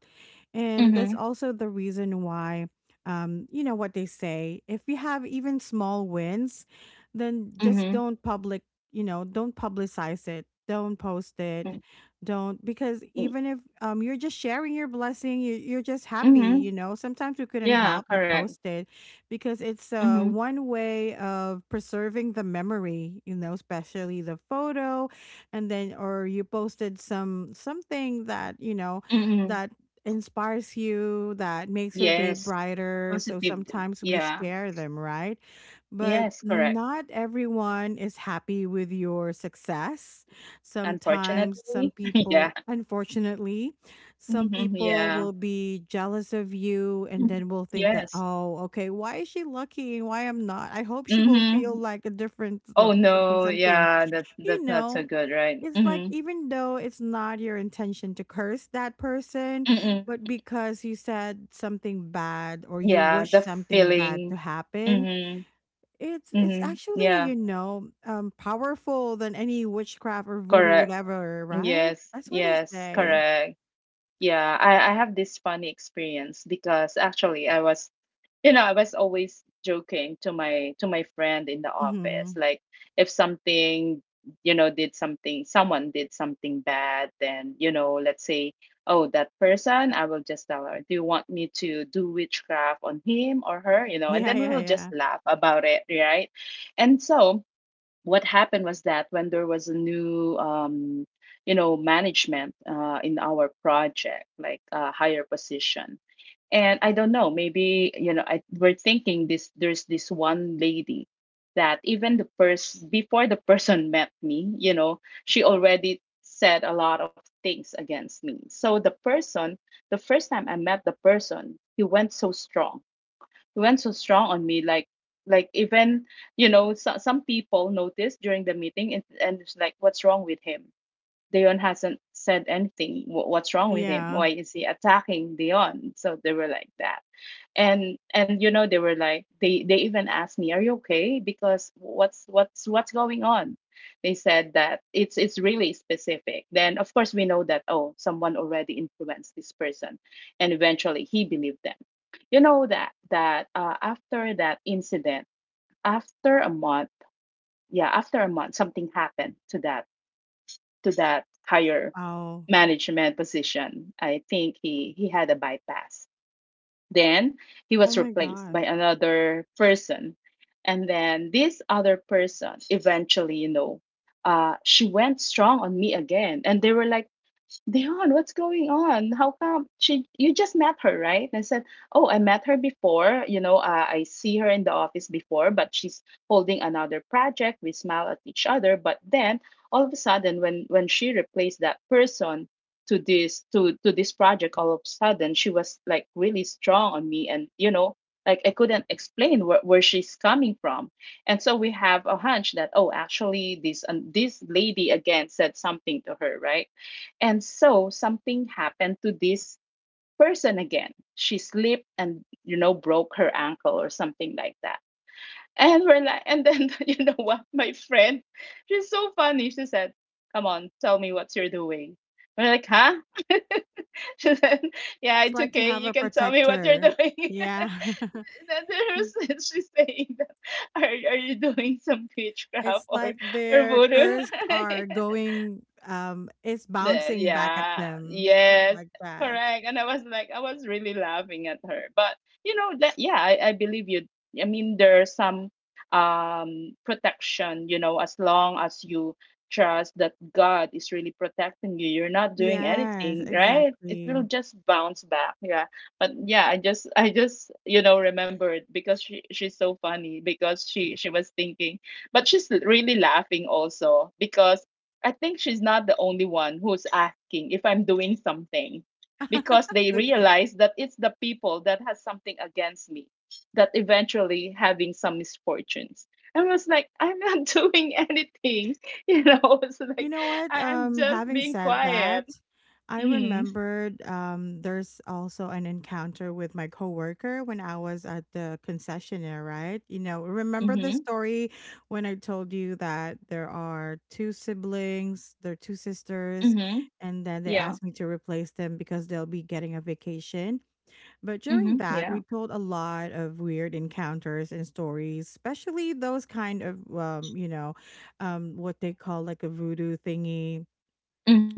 And that's
Mhm.
also the reason why, you know what they say, if you have even small wins then just
Mhm.
don't public you know, don't publicize it, don't post it,
Mm,
don't, because
mm,
even if you're just sharing your blessing, you're just happy, you
mhm.
know, sometimes we couldn't
Yeah,
help but
correct.
post it because it's
Mhm.
one way of preserving the memory, you know, especially the photo, and then or you posted some something that you know
Mm-mm.
that inspires you, that makes your day
Yes.
brighter, so
Positive. d-
sometimes we
Yeah.
share them, right? But
Yes, correct.
not everyone is happy with your success. Sometimes some
Unfortunately.
people,
Yeah.
unfortunately, some
Mhm.
people
Yeah.
will be jealous of you and
Mhm.
then will think that,
Yes.
oh, okay, why is she lucky and why I'm not? I hope she will feel
Mhm.
like a different
Oh,
something,
no.
something.
Yeah, that
You
that's not so
know,
good, right?
it's like
Mhm.
even though it's not your intention to curse that person,
Mm-mm.
but because you said something bad or you
Yeah,
wish
the
something
feeling.
bad to happen,
Mhm.
it's
Mhm.
actually,
Yeah,
you know, powerful than any witchcraft or voodoo,
correct.
whatever, right?
Yes.
That's what they
Yes,
say.
correct. Yeah, I have this funny experience because actually I was always joking to my friend in the office.
Hmm.
Like, if something, did something, someone did something bad, then, let's say, oh, that person, I will just tell her, do you want me to do witchcraft on him or her? You know, and
Yeah,
then we
yeah,
will
yeah,
just laugh about it, right? And so what happened was that when there was a new management in our project, like a higher position. And I don't know, maybe we're thinking this, there's this one lady that even the person before the person met me, she already said a lot of things against me. So the person, the first time I met the person, he went so strong. It went so strong on me, like, even, so, some people noticed during the meeting, and it's like, what's wrong with him? Dion hasn't said anything. What's wrong with him?
yeah.
Why is he attacking Dion? So they were like that. And they were like, they even asked me, are you okay, because what's, what's going on? They said that it's really specific. Then of course we know that, oh, someone already influenced this person, and eventually he believed them. That that after that incident, after a month, yeah, after a month, something happened to that, higher
Wow.
management position. I think he had a bypass. Then he
Oh
was
my
replaced
God.
by another person. And then this other person eventually, she went strong on me again. And they were like, Dion, what's going on? How come she you just met her, right? And I said, oh, I met her before. I see her in the office before, but she's holding another project. We smile at each other, but then all of a sudden, when she replaced that person to this project, all of a sudden she was like really strong on me, and, like, I couldn't explain where she's coming from. And so we have a hunch that, oh, actually this and this lady again said something to her, right? And so something happened to this person again. She slipped and, broke her ankle or something like that. And we're like, and then you know what, my friend, she's so funny. She said, "Come on, tell me what you're doing." We're like, "Huh?" She said, "Yeah,
It's
it's
like you
okay.
have
You
a
can tell me what you're
protector.
doing." And
Yeah.
then there's, she's saying, that, "Are you doing some witchcraft
It's
or
like
or
their
voodoo?"
curse are going. It's
Yeah,
bouncing back at
yeah,
them
yes,
like that.
correct. And I was like, I was really laughing at her. But you know that, yeah, I believe you. I mean, there's some protection, as long as you trust that God is really protecting you, you're not doing
Yes,
anything, right? It
exactly.
will just bounce back. Yeah. But yeah, I just remembered, because she's so funny, because she was thinking, but she's really laughing also, because I think she's not the only one who's asking if I'm doing something, because they
Okay.
realize that it's the people that has something against me that eventually having some misfortunes. I was like, I'm not doing anything. It's
You
like
know what?
I'm just
Having
being
said
quiet.
that, I
Mm-hmm.
remembered there's also an encounter with my coworker when I was at the concessionaire, right? You know, remember the
Mm-hmm.
story when I told you that there are two siblings, there are two sisters,
Mm-hmm.
and then they
Yeah.
asked me to replace them because they'll be getting a vacation. But during
Mm-hmm.
that, we
Yeah.
told a lot of weird encounters and stories, especially those kind of, what they call like a voodoo thingy.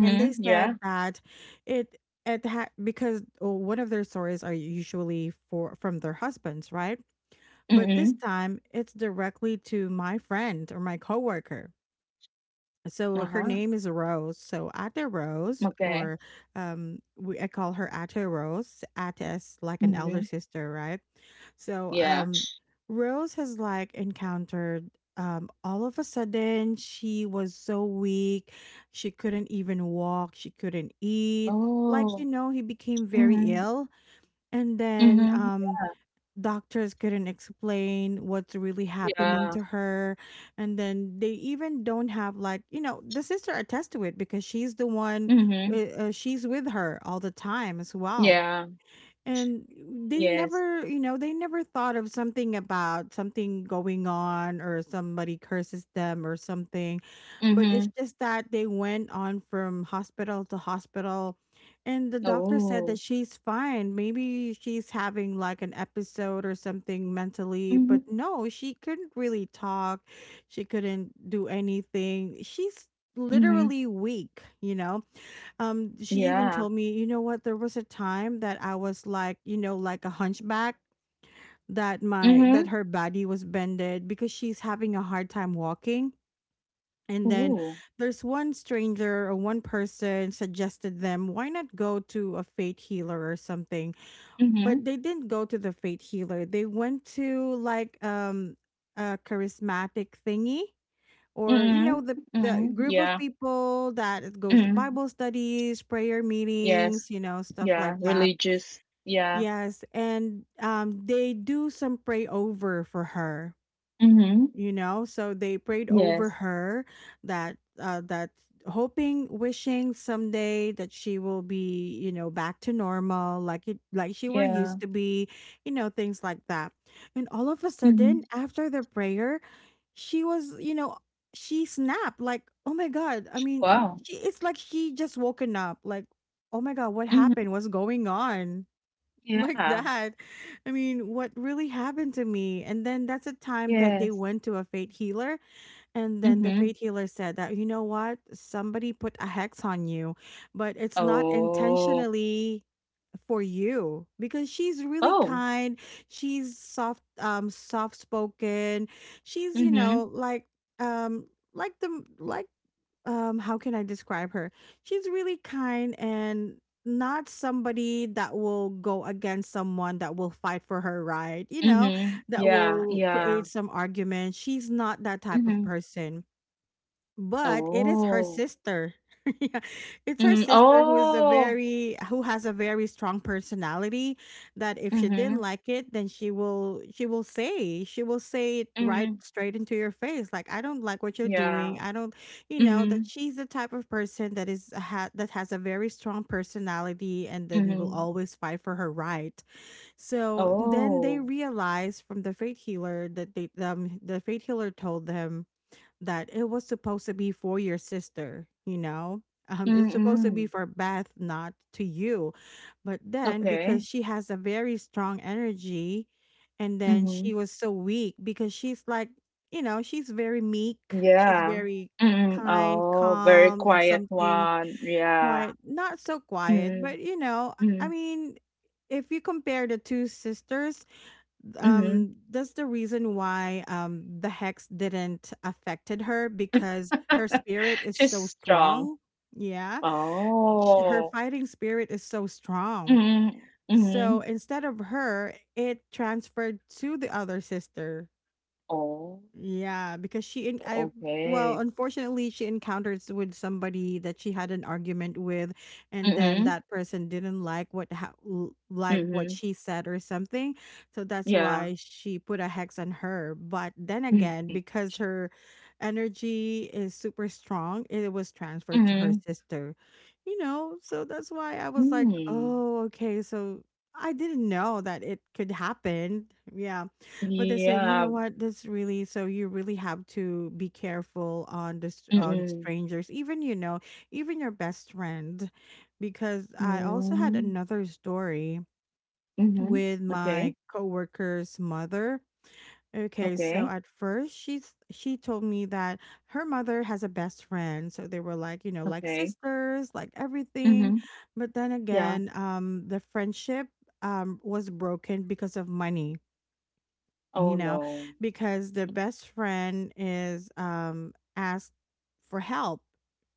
And they
Yeah.
said that it because oh, one of their stories are usually for from their husbands, right? But
Mm-hmm.
this time, it's directly to my friend or my coworker. So her
Uh-huh.
name is Rose. So Ate Rose,
Okay.
or I call her Ate Rose. Ate is like an
Mm-hmm.
elder sister, right? So
Yeah.
um, Rose has like encountered. All of a sudden, she was so weak. She couldn't even walk. She couldn't eat. Like you
Oh.
know, he became very
Mm-hmm.
ill, and then
Mm-hmm.
doctors couldn't explain what's really happening
Yeah.
to her, and then they even don't have like you know the sister attests to it because she's the one
Mm-hmm.
she's with her all the time as well,
Yeah.
and they
Yes.
never you know they never thought of something about something going on or somebody curses them or something, but it's
Mhm.
just that they went on from hospital to hospital, and the doctor said
Oh.
that she's fine, maybe she's having like an episode or something mentally, but
Mhm.
no, she couldn't really talk, she couldn't do anything, she's
Mhm.
literally weak you know. She even
Yeah.
told me, you know what, there was a time that I was like, you know, like a hunchback, that my that
Mhm.
her body was bended because she's having a hard time walking. And then
Ooh.
there's one stranger or one person suggested them, why not go to a faith healer or something? But
Mhm.
they didn't go to the faith healer. They went to like a charismatic thingy, or you know
Mhm.
the
Mhm.
the group
Yeah.
of people that goes to
Mhm.
bible studies, prayer
Yes.
meetings, you know, stuff
Yeah.
like that.
Religious. Yeah.
Yes, and they do some pray over for her,
Mhm.
you know, so they prayed over
Yes.
her, that uh that hoping, wishing someday that she will be you know back to normal like it like she were used
Yeah.
to be, you know, things like that. And all of a
Mhm.
sudden after the prayer she was, you know, she snapped like, oh my god, I mean,
Wow.
it's like she just woken up like, oh my god, what
Mhm.
happened, what's going on, like
Yeah.
that. I mean, what really happened to me? And then that's a time that they
Yes.
went to a fate healer, and then the fate
Mhm.
healer said that, you know what, somebody put a hex on you, but it's not
Oh.
intentionally for you because she's really
Oh.
kind. She's soft, soft spoken. She's you
Mhm.
know um like the like how can I describe her? She's really kind, and not somebody that will go against someone, that will fight for her right, you know,
Mhm.
that
Yeah.
will
Yeah.
create some argument. She's not that type of
Mhm.
person, but it is her
Oh.
sister. Yeah, it's her
Mm.
sister who is a
Oh.
very who has a very strong personality, that if she didn't
Mhm.
like it, then she will say it right
Mhm.
straight into your face like, I don't like what you're
Yeah.
doing. I don't, you know, that
Mhm,
she's the type of person that is that has a very strong personality and then will
mhm.
always fight for her right. So then they
Oh,
realize from the fate healer that the fate healer told them that it was supposed to be for your sister, you know? It's supposed to be
mm.
for Beth, not to you. But then, because
Okay.
she has a very strong energy, and then she
Mhm.
was so weak because she's like, you know, she's very meek, she's
Yeah.
very
Mm.
kind,
Oh, very
calm, and
quiet
something
one. Yeah.
quiet. Not so quiet,
Mhm,
but you know, I
mhm,
mean, if you compare the two sisters,
mhm.
that's the reason why the hex didn't affected her because her spirit is
She's
so
strong.
strong. Yeah. Her
Oh.
fighting spirit is so strong,
Mhm,
so
mhm.
instead of her it transferred to the other sister.
Oh,
Yeah, because she in I well,
okay.
unfortunately, she encounters with somebody that she had an argument with, and then
Mhm,
that person didn't like what
mhm.
she said or something, so that's
Yeah.
why she put a hex on her. But then again, because her energy is super strong, it was transferred to her
Mhm,
sister, you know. So that's why I was like,
mm.
oh, okay, so I didn't know that it could happen. Yeah. But they said, you
Yeah.
know what? This really so. You really have to be careful on this on
Mhm,
strangers, even you know, even your best friend, because I also had
mm.
another story
Mhm.
with
Okay.
my coworker's mother. Okay, so
Okay.
at first she told me that her mother has a best friend, so they were like you know like
Okay.
sisters, like everything.
Mhm.
But then
Yeah.
again, the friendship was broken because of money, you
Oh,
know,
no.
because the best friend is asked for help,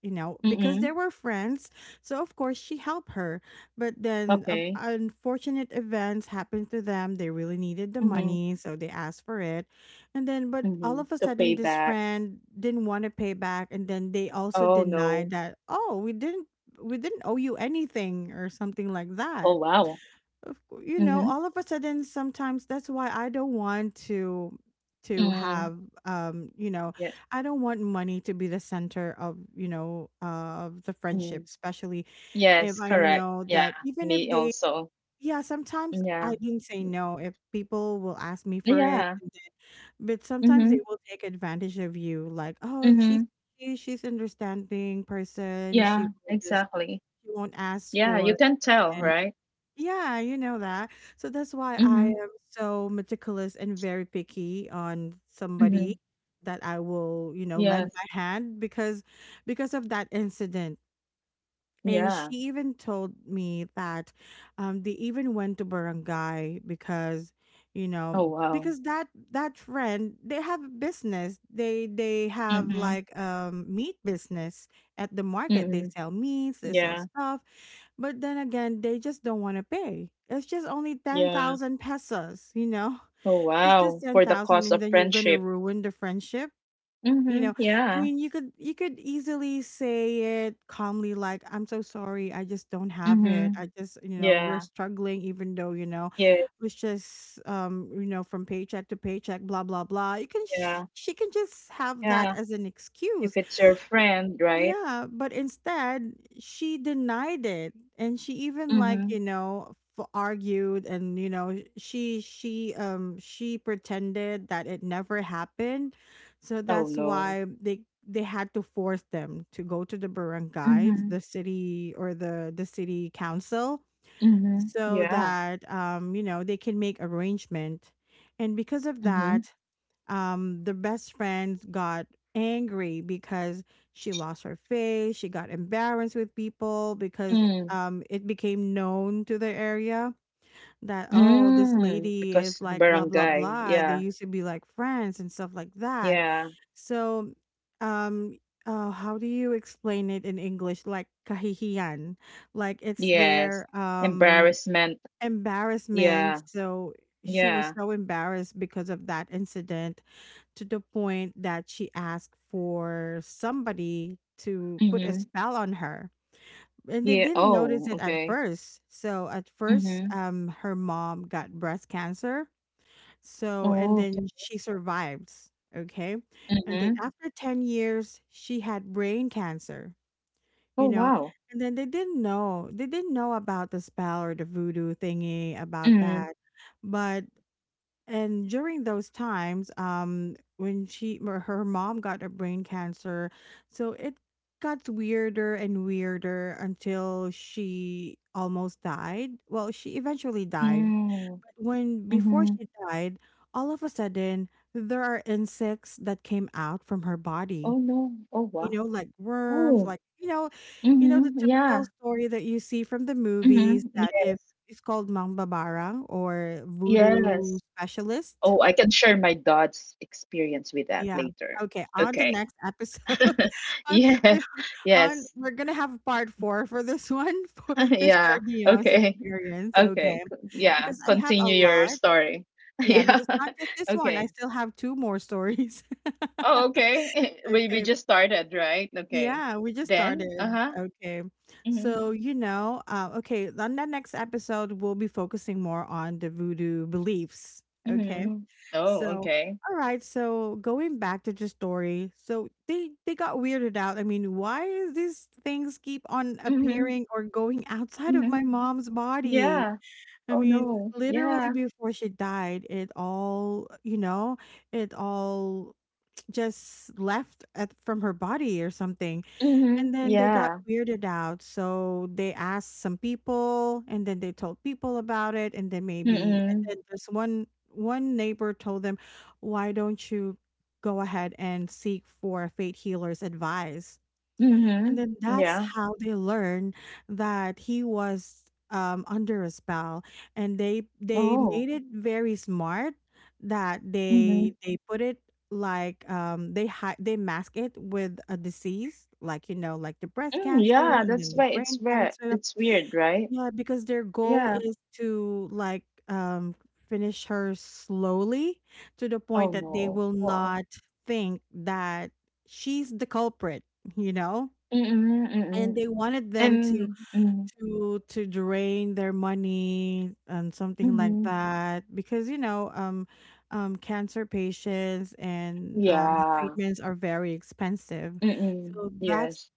you know, because they
Mm.
were friends. So of course she helped her, but then of
Okay.
unfortunate events happened to them. They really needed the
Mhm.
money, so they asked for it. And then but all
Mhm.
of a
To
sudden
pay
this
back.
friend didn't want to pay back, and then they also
Oh,
denied
no.
that, "Oh, we didn't owe you anything" or something like
Oh,
that.
wow.
You know,
Mhm.
all of a sudden, sometimes that's why I don't want to
Mm.
have you know,
Yeah.
I don't want money to be the center of you know of the friendship,
Mm.
especially if
Yes,
I
correct.
know
Yeah,
that even if
me
they,
also.
yeah, sometimes
Yeah.
I can say no if people will ask me for it,
Yeah.
but sometimes
Mhm.
they will take advantage of you like, oh
Mhm.
she, she's understanding person, she
Yeah,
will just,
exactly.
she won't ask
Yeah, you
for
can tell,
payment,
right?
yeah, you know that. So that's why I
Mhm.
am so meticulous and very picky on
Mhm.
somebody that I will, you know,
Yes.
lend my hand, because of that incident. And
Yeah.
she even told me that they even went to barangay because, you know,
Oh, wow.
because that friend they have a business. They have
Mhm.
like meat business at the market. They
Mm-mm.
sell meats, they sell
Yeah.
stuff. But then again, they just don't want to pay. It's just only ten
Yeah.
thousand pesos, you know.
Oh,
It's just
wow.
ten
For the
thousand,
cost
and
of
then you're gonna
friendship.
ruin the friendship, you know,
Mhm,
I
yeah.
mean, you could easily say it calmly like, "I'm so sorry. I just don't have it. I
Mhm.
just, you know, we're
Yeah.
struggling even though, you know,
Yeah,
it's just you know, from paycheck to paycheck, blah blah blah." You can
yeah,
she can just have that
yeah.
as an
If
excuse,
it's your friend, right?
yeah, but instead she denied it, and she even like,
Mhm.
you know, argued, and you know, she pretended that it never happened. So
Oh,
that's
no.
why they had to force them to go to the barangay, to
Mhm.
the city or the city council,
Mhm.
so
Yeah.
that you know, they can make arrangement. And because of
Mhm.
that, the best friend got angry because she lost her face, she got embarrassed with people because
Mm.
it became known to the area that, oh, this
Mm.
lady
Because
is like blah blah
barangay.
blah, they
Yeah.
used to be like friends and stuff like that.
Yeah.
So um how do you explain it in english, like kahihiyan, like it's
Yes.
their
Embarrassment.
embarrassment.
Yeah.
So she was
Yeah.
so embarrassed because of that incident, to the point that she asked for somebody to put a
Mhm.
spell on her. And they
Yeah.
didn't
Oh,
notice it at
okay.
first. So at first,
Mhm.
her mom got breast cancer. So and
Oh, okay.
then she survives. Okay. And then
Mhm.
after 10 years, she had brain cancer,
Oh,
you know.
wow.
And then they didn't know. They didn't know about the spell or the voodoo thingy about
Mhm.
that. But and during those times, when she or her mom got a brain cancer, so it got weirder and weirder until she almost died. Well, she eventually died,
Mm.
but when before
Mhm.
she died, all of a sudden there are insects that came out from her
Oh,
body.
no. Oh, wow.
You know, like worms,
Oh,
like you know the
Mhm, yeah.
typical story that you see from the movies
Mhm,
that if
yes.
it's called Mang Babarang or voodoo
Yes.
specialist.
Oh, I can share my dad's experience with that
Yeah.
later.
Okay. On the
Okay.
next episode, on,
Yes.
on
Yes.
we're gonna have part four for this one for to share
Yeah.
Dion's
Okay.
experience. Okay,
Okay. Yeah.
because I have a
Continue your
lot.
story.
Yeah,
Yeah.
because not just this one, I
Okay.
still have two more stories.
Oh, okay. We
Okay.
just started, right? Okay.
Yeah, we just
Then,
started.
uh-huh.
Okay.
Mhm.
So, you know, okay, on the next episode, we'll be focusing more on the voodoo beliefs. Okay.
Mhm. Oh,
So,
okay.
all right. So going back to the story, so they got weirded out. I mean, why is these things keep on
Mhm.
appearing or going outside of my
Mhm.
mom's body?
Yeah.
I
Oh
mean,
no.
literally
Yeah.
before she died, it all it all just left at, from her body or something. And
Mhm.
then they got
Yeah.
weirded out. So they asked some people and then they told people about it and then maybe and
Mm.
then this one neighbor told them, "Why don't you go ahead and seek for a fate healer's advice?" And
Mhm.
then that's
Yeah.
how they learned that he was under a spell, and they
Oh.
made it very smart that they
Mhm.
they put it like they they mask it with a disease like you know like the breast
Mm,
cancer
yeah,
and
that's
then the
why it's
brain
weird.
cancer.
It's weird, right?
Yeah, because their goal
Yeah.
is to like um finish her slowly to the point
Oh
that they
no.
will
Wow.
not think that she's the culprit, you know.
Mm-mm, mm-mm.
And they wanted them to
And mm,
to drain their money and something like
mm-hmm.
that because you know cancer patients and the
Yeah.
treatments are very expensive.
Mm-mm.
So that's,
Yes.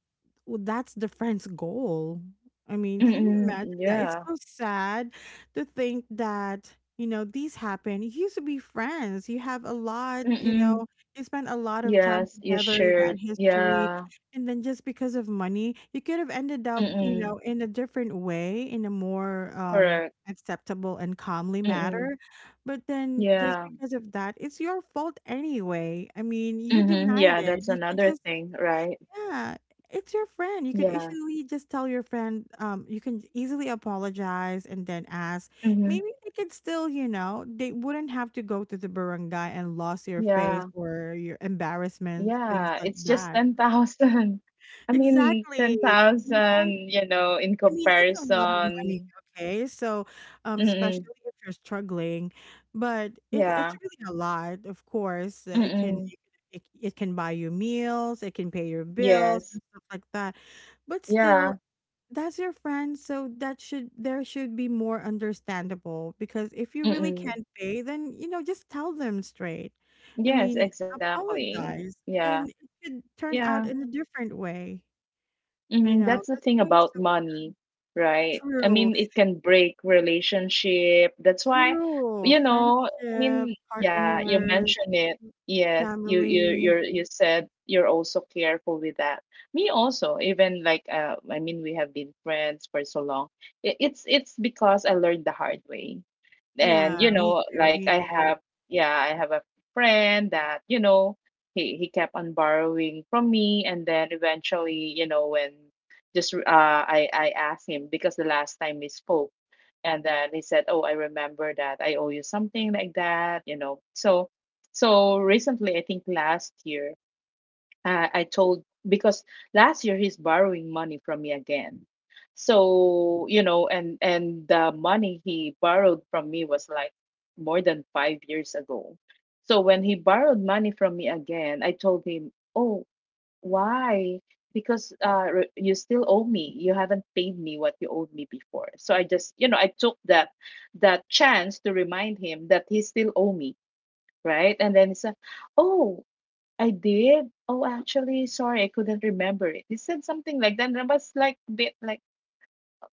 well, that's the friend's goal. I mean, can you
Mm-mm.
imagine that? It's
Yeah.
so sad to think that, you know, these happen. You used to be friends. You have a lot, you know,
Mm-mm.
you spent a lot of time
Yes, you
together. You got
should.
history.
Yeah.
And then just because of money, you could have ended up, you
Mm-mm.
know, in a different way, in a more
Correct.
acceptable and calmly
Mm-mm.
matter. But then just
Yeah.
because of that, it's your fault anyway. I mean, you
Mm-hmm.
denied
Yeah,
it.
that's
You could
another
just
thing, right?
yeah, it's your friend. You could
Yeah.
easily just tell your friend, you can easily apologize and then ask.
Mm-hmm.
Maybe they could still, you know, they wouldn't have to go to the barangay and lose your face
Yeah.
or your embarrassment, things
Yeah,
like
it's just
that.
10,000. I mean,
Exactly. You know,
10,000, in
I mean, it's a lot of money,
comparison.
okay? So,
Mm-mm.
especially if you're struggling, but it's
Yeah.
really a lot. Of course, it can
Mm-mm.
it can buy you meals, it can pay your bills and
Yes.
stuff like that. But
Yeah.
still, that's your friend, so that should there should be more understandable because if you really
Mm-mm.
can't pay, then you know just tell them straight. I
Yes,
mean,
exactly.
apologize,
Yeah.
and it could turn
Yeah.
out in a different way. You know,
That's the
that's
thing
why it's
about
so
money,
sad.
right? I
True.
mean, it can break relationship. That's why,
True.
you know, I
Friendship,
mean, yeah, you
partners,
mentioned it. Yes, you you
family.
you you said you're also careful with that. Me also, even like I mean, we have been friends for so long. It's because I learned the hard way, and you
Yeah, me
know,
too.
like
Me
i
too.
have yeah i have a friend that, you know, he kept on borrowing from me. And then eventually, you know, when just I asked him, because the last time we spoke, and then he said, "Oh, I remember that I owe you," something like that, you know. So recently, I think last year, I told, because last year he's borrowing money from me again. So, and the money he borrowed from me was like more than 5 years ago. So when he borrowed money from me again, I told him, "Oh, why? Because you still owe me. You haven't paid me what you owed me before." So I just, I took that chance to remind him that he still owe me, right? And then he said, "Oh, I did. Oh, actually, sorry, I couldn't remember it." He said something like that, and I was like, bit like,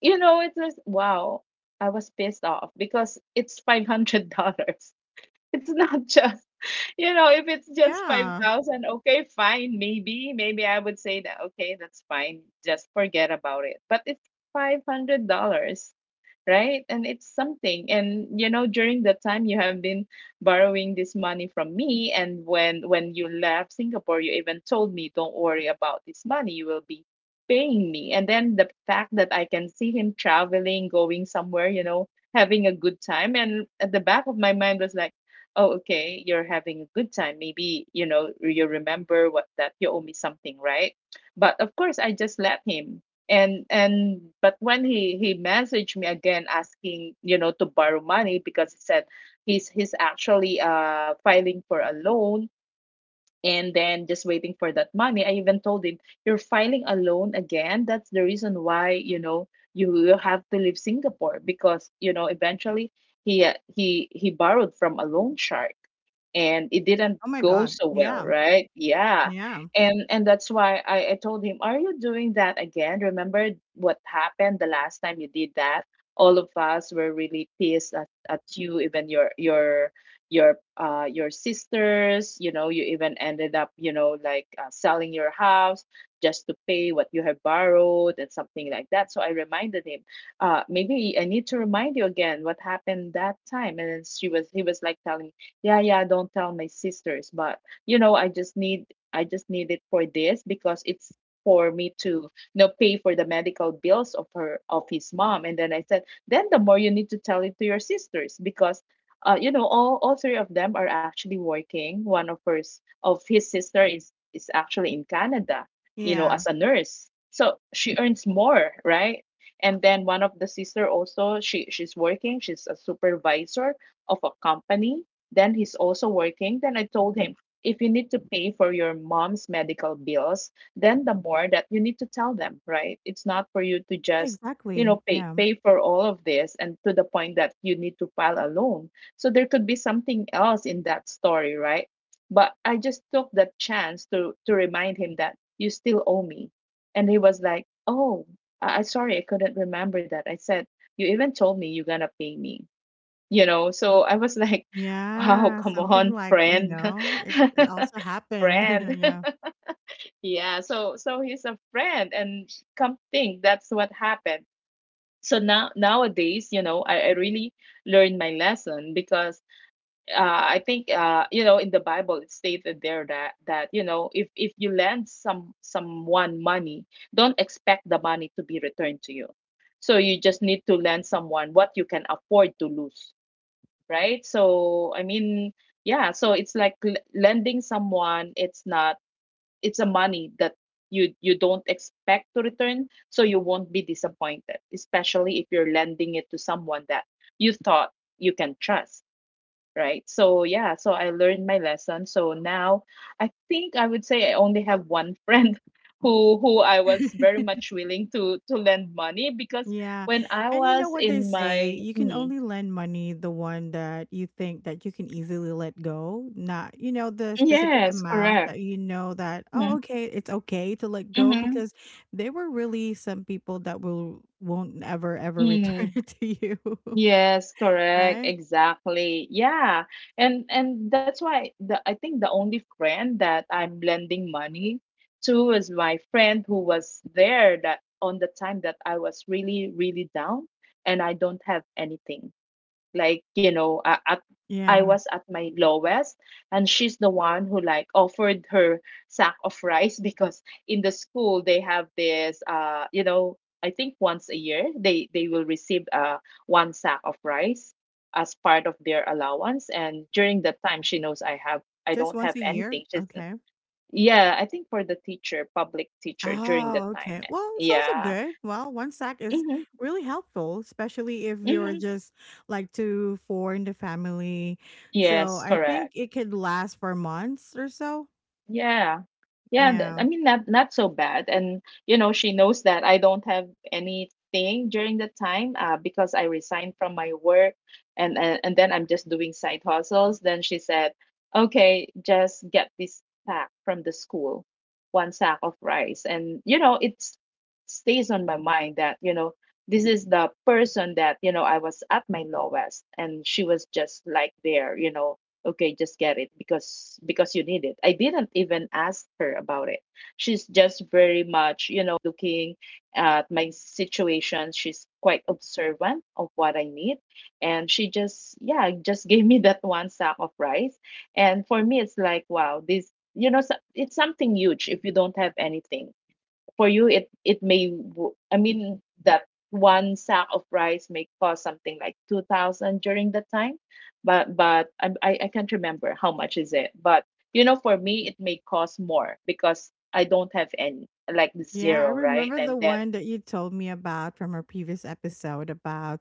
it was wow. I was pissed off because it's $500. It's not just, you know, if it's just five
Yeah.
thousand, okay, fine, maybe, maybe I would say that, okay, that's fine, just forget about it. But it's $500, right? And it's something. And you know, during that time you have been borrowing this money from me, and when you left Singapore, you even told me, "Don't worry about this money, you will be paying me." And then the fact that I can see him traveling, going somewhere, you know, having a good time, and at the back of my mind was like, "Oh, okay, you're having a good time. Maybe, you know, you remember what that you owe me something," right? But of course, I just let him. And but when he messaged me again asking, to borrow money, because he said he's actually filing for a loan, and then just waiting for that money. I even told him, "You're filing a loan again. That's the reason why, you know, you will have to leave Singapore, because, you know, eventually" — he borrowed from a loan shark and it didn't
Oh my
go
God.
so well,
Yeah.
right? Yeah.
Yeah.
And that's why I told him, "Are you doing that again? Remember what happened the last time you did that? All of us were really pissed at you, even your sisters. You know, you even ended up, like selling your house just to pay what you have borrowed," and something like that. So I reminded him, Uh, maybe I need to remind you again what happened that time." And then she was he was like telling me, "Yeah, yeah, don't tell my sisters, but, you know i just need I just need it for this, because it's for me to, pay for the medical bills of her, of his mom." And then I said, "Then the more you need to tell it to your sisters, because, you know, all three of them are actually working." One of his sister is actually in Canada, you know,
Yeah.
as a nurse, so she earns more, right? And then one of the sister also, she's working. She's a supervisor of a company. Then he's also working. Then I told him, "If you need to pay for your mom's medical bills, then the more that you need to tell them, right? It's not for you to just, you
Exactly.
know, pay
Yeah.
pay for all of this and to the point that you need to file a loan, so there could be something else in that story, right?" But I just took that chance to remind him that you still owe me. And he was like, "Oh, I sorry, I couldn't remember that." I said, "You even told me you're gonna pay me." You know, so I was like, "Wow,
Yeah.
come
Something
on,
like, you
friend."
know, it also happened.
Friend.
yeah.
Yeah, so he's a friend and come think that's what happened. So now nowadays, you know, I really learned my lesson, because, I think, you know, in the Bible it stated there that you know, if you lend someone money, don't expect the money to be returned to you. So you just need to lend someone what you can afford to lose, right? So I mean, yeah. So it's like lending someone. It's not. It's a money that you don't expect to return, so you won't be disappointed. Especially if you're lending it to someone that you thought you can trust, right? So yeah, so I learned my lesson. So now I think I would say I only have one friend who I was very much willing to lend money, because
Yeah.
when I
And you know
was
what they
in
say,
my
you can
mm,
only lend money the one that you think that you can easily let go, not you know the specific
yes,
amount
correct.
that you know that oh
Mm-hmm.
okay, it's okay to let go
Mm-hmm.
because there were really some people that will won't ever return
Mm.
it to you,
Yes, correct.
right?
Exactly. Yeah. And that's why the I think the only friend that I'm lending money to is my friend who was there that on the time that I was really, really down, and I don't have anything, like, you know, a- at I
Yeah.
was at my lowest. And she's the one who, like, offered her sack of rice because in the school they have this, uh, you know, I think once a year, they will receive, uh, one sack of rice as part of their allowance. And during that time, she knows I have I
Just
don't
once
have
a year.
anything. She's,
Okay.
yeah, I think for the teacher public teacher, during that
Oh,
time,
okay.
eh.
Well, it's also
Yeah.
good. Well, one sack is
Mm-hmm,
really helpful, especially if you're
mm-hmm.
just like two, four in the family. So
Yes,
I think
correct.
it could last for months or so.
Yeah. Yeah,
Yeah.
I mean, not so bad. And you know, she knows that I don't have anything during the time, because I resigned from my work, and then I'm just doing side hustles. Then she said, "Okay, just get this pack from the school, one sack of rice." And you know, it stays on my mind that, you know, this is the person that, you know, I was at my lowest and she was just like there, you know, "Okay, just get it, because you need it." I didn't even ask her about it. She's just very much, looking at my situation. She's quite observant of what I need, and she just, yeah, just gave me that one sack of rice. And for me, it's like, wow, this, you know, it's something huge. If you don't have anything, for you, it may I mean, that one sack of rice may cost something like 2000 during the time, but but I can't remember how much is it. But you know, for me it may cost more, because I don't have any, like,
Yeah, I
zero, right?
remember the
And then
one that you told me about from our previous episode about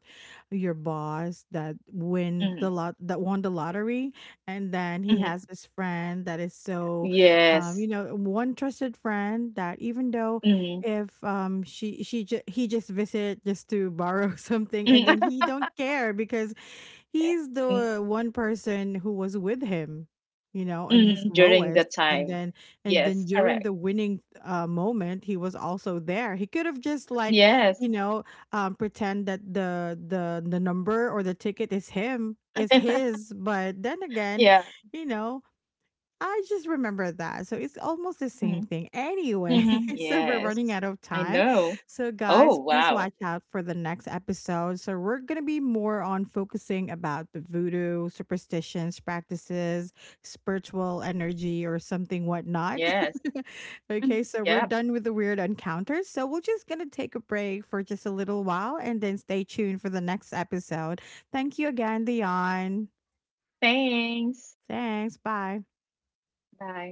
your boss that win the
mhm,
lot that won the lottery, and then he has
mhm.
this friend that is so, you
Yes.
know, one trusted friend that even though
Hmm.
if she he just visit just to borrow something, and then he don't care because he's the one person who was with him, you know, in his
During the
lowest,
time.
and then
Yes,
during
correct.
the winning moment, he was also there. He could have just like
Yes.
you know pretend that the number or the ticket is him, is his. But then again,
Yeah.
you know, I just remember that. So it's almost the same
Mm-hmm.
thing. Anyway,
Mhm.
so we're running
Yes,
out of
I
time.
know.
So
Oh,
guys, please
wow.
watch out for the next episode. So we're going to be more on focusing about the voodoo, superstitions, practices, spiritual energy or something whatnot.
Yes. Mhm.
Okay, so we're
Yep.
done with the weird encounters. So we're just going to take a break for just a little while and then stay tuned for the next episode. Thank you again, Dion.
Thanks.
Thanks. Bye.
Bye.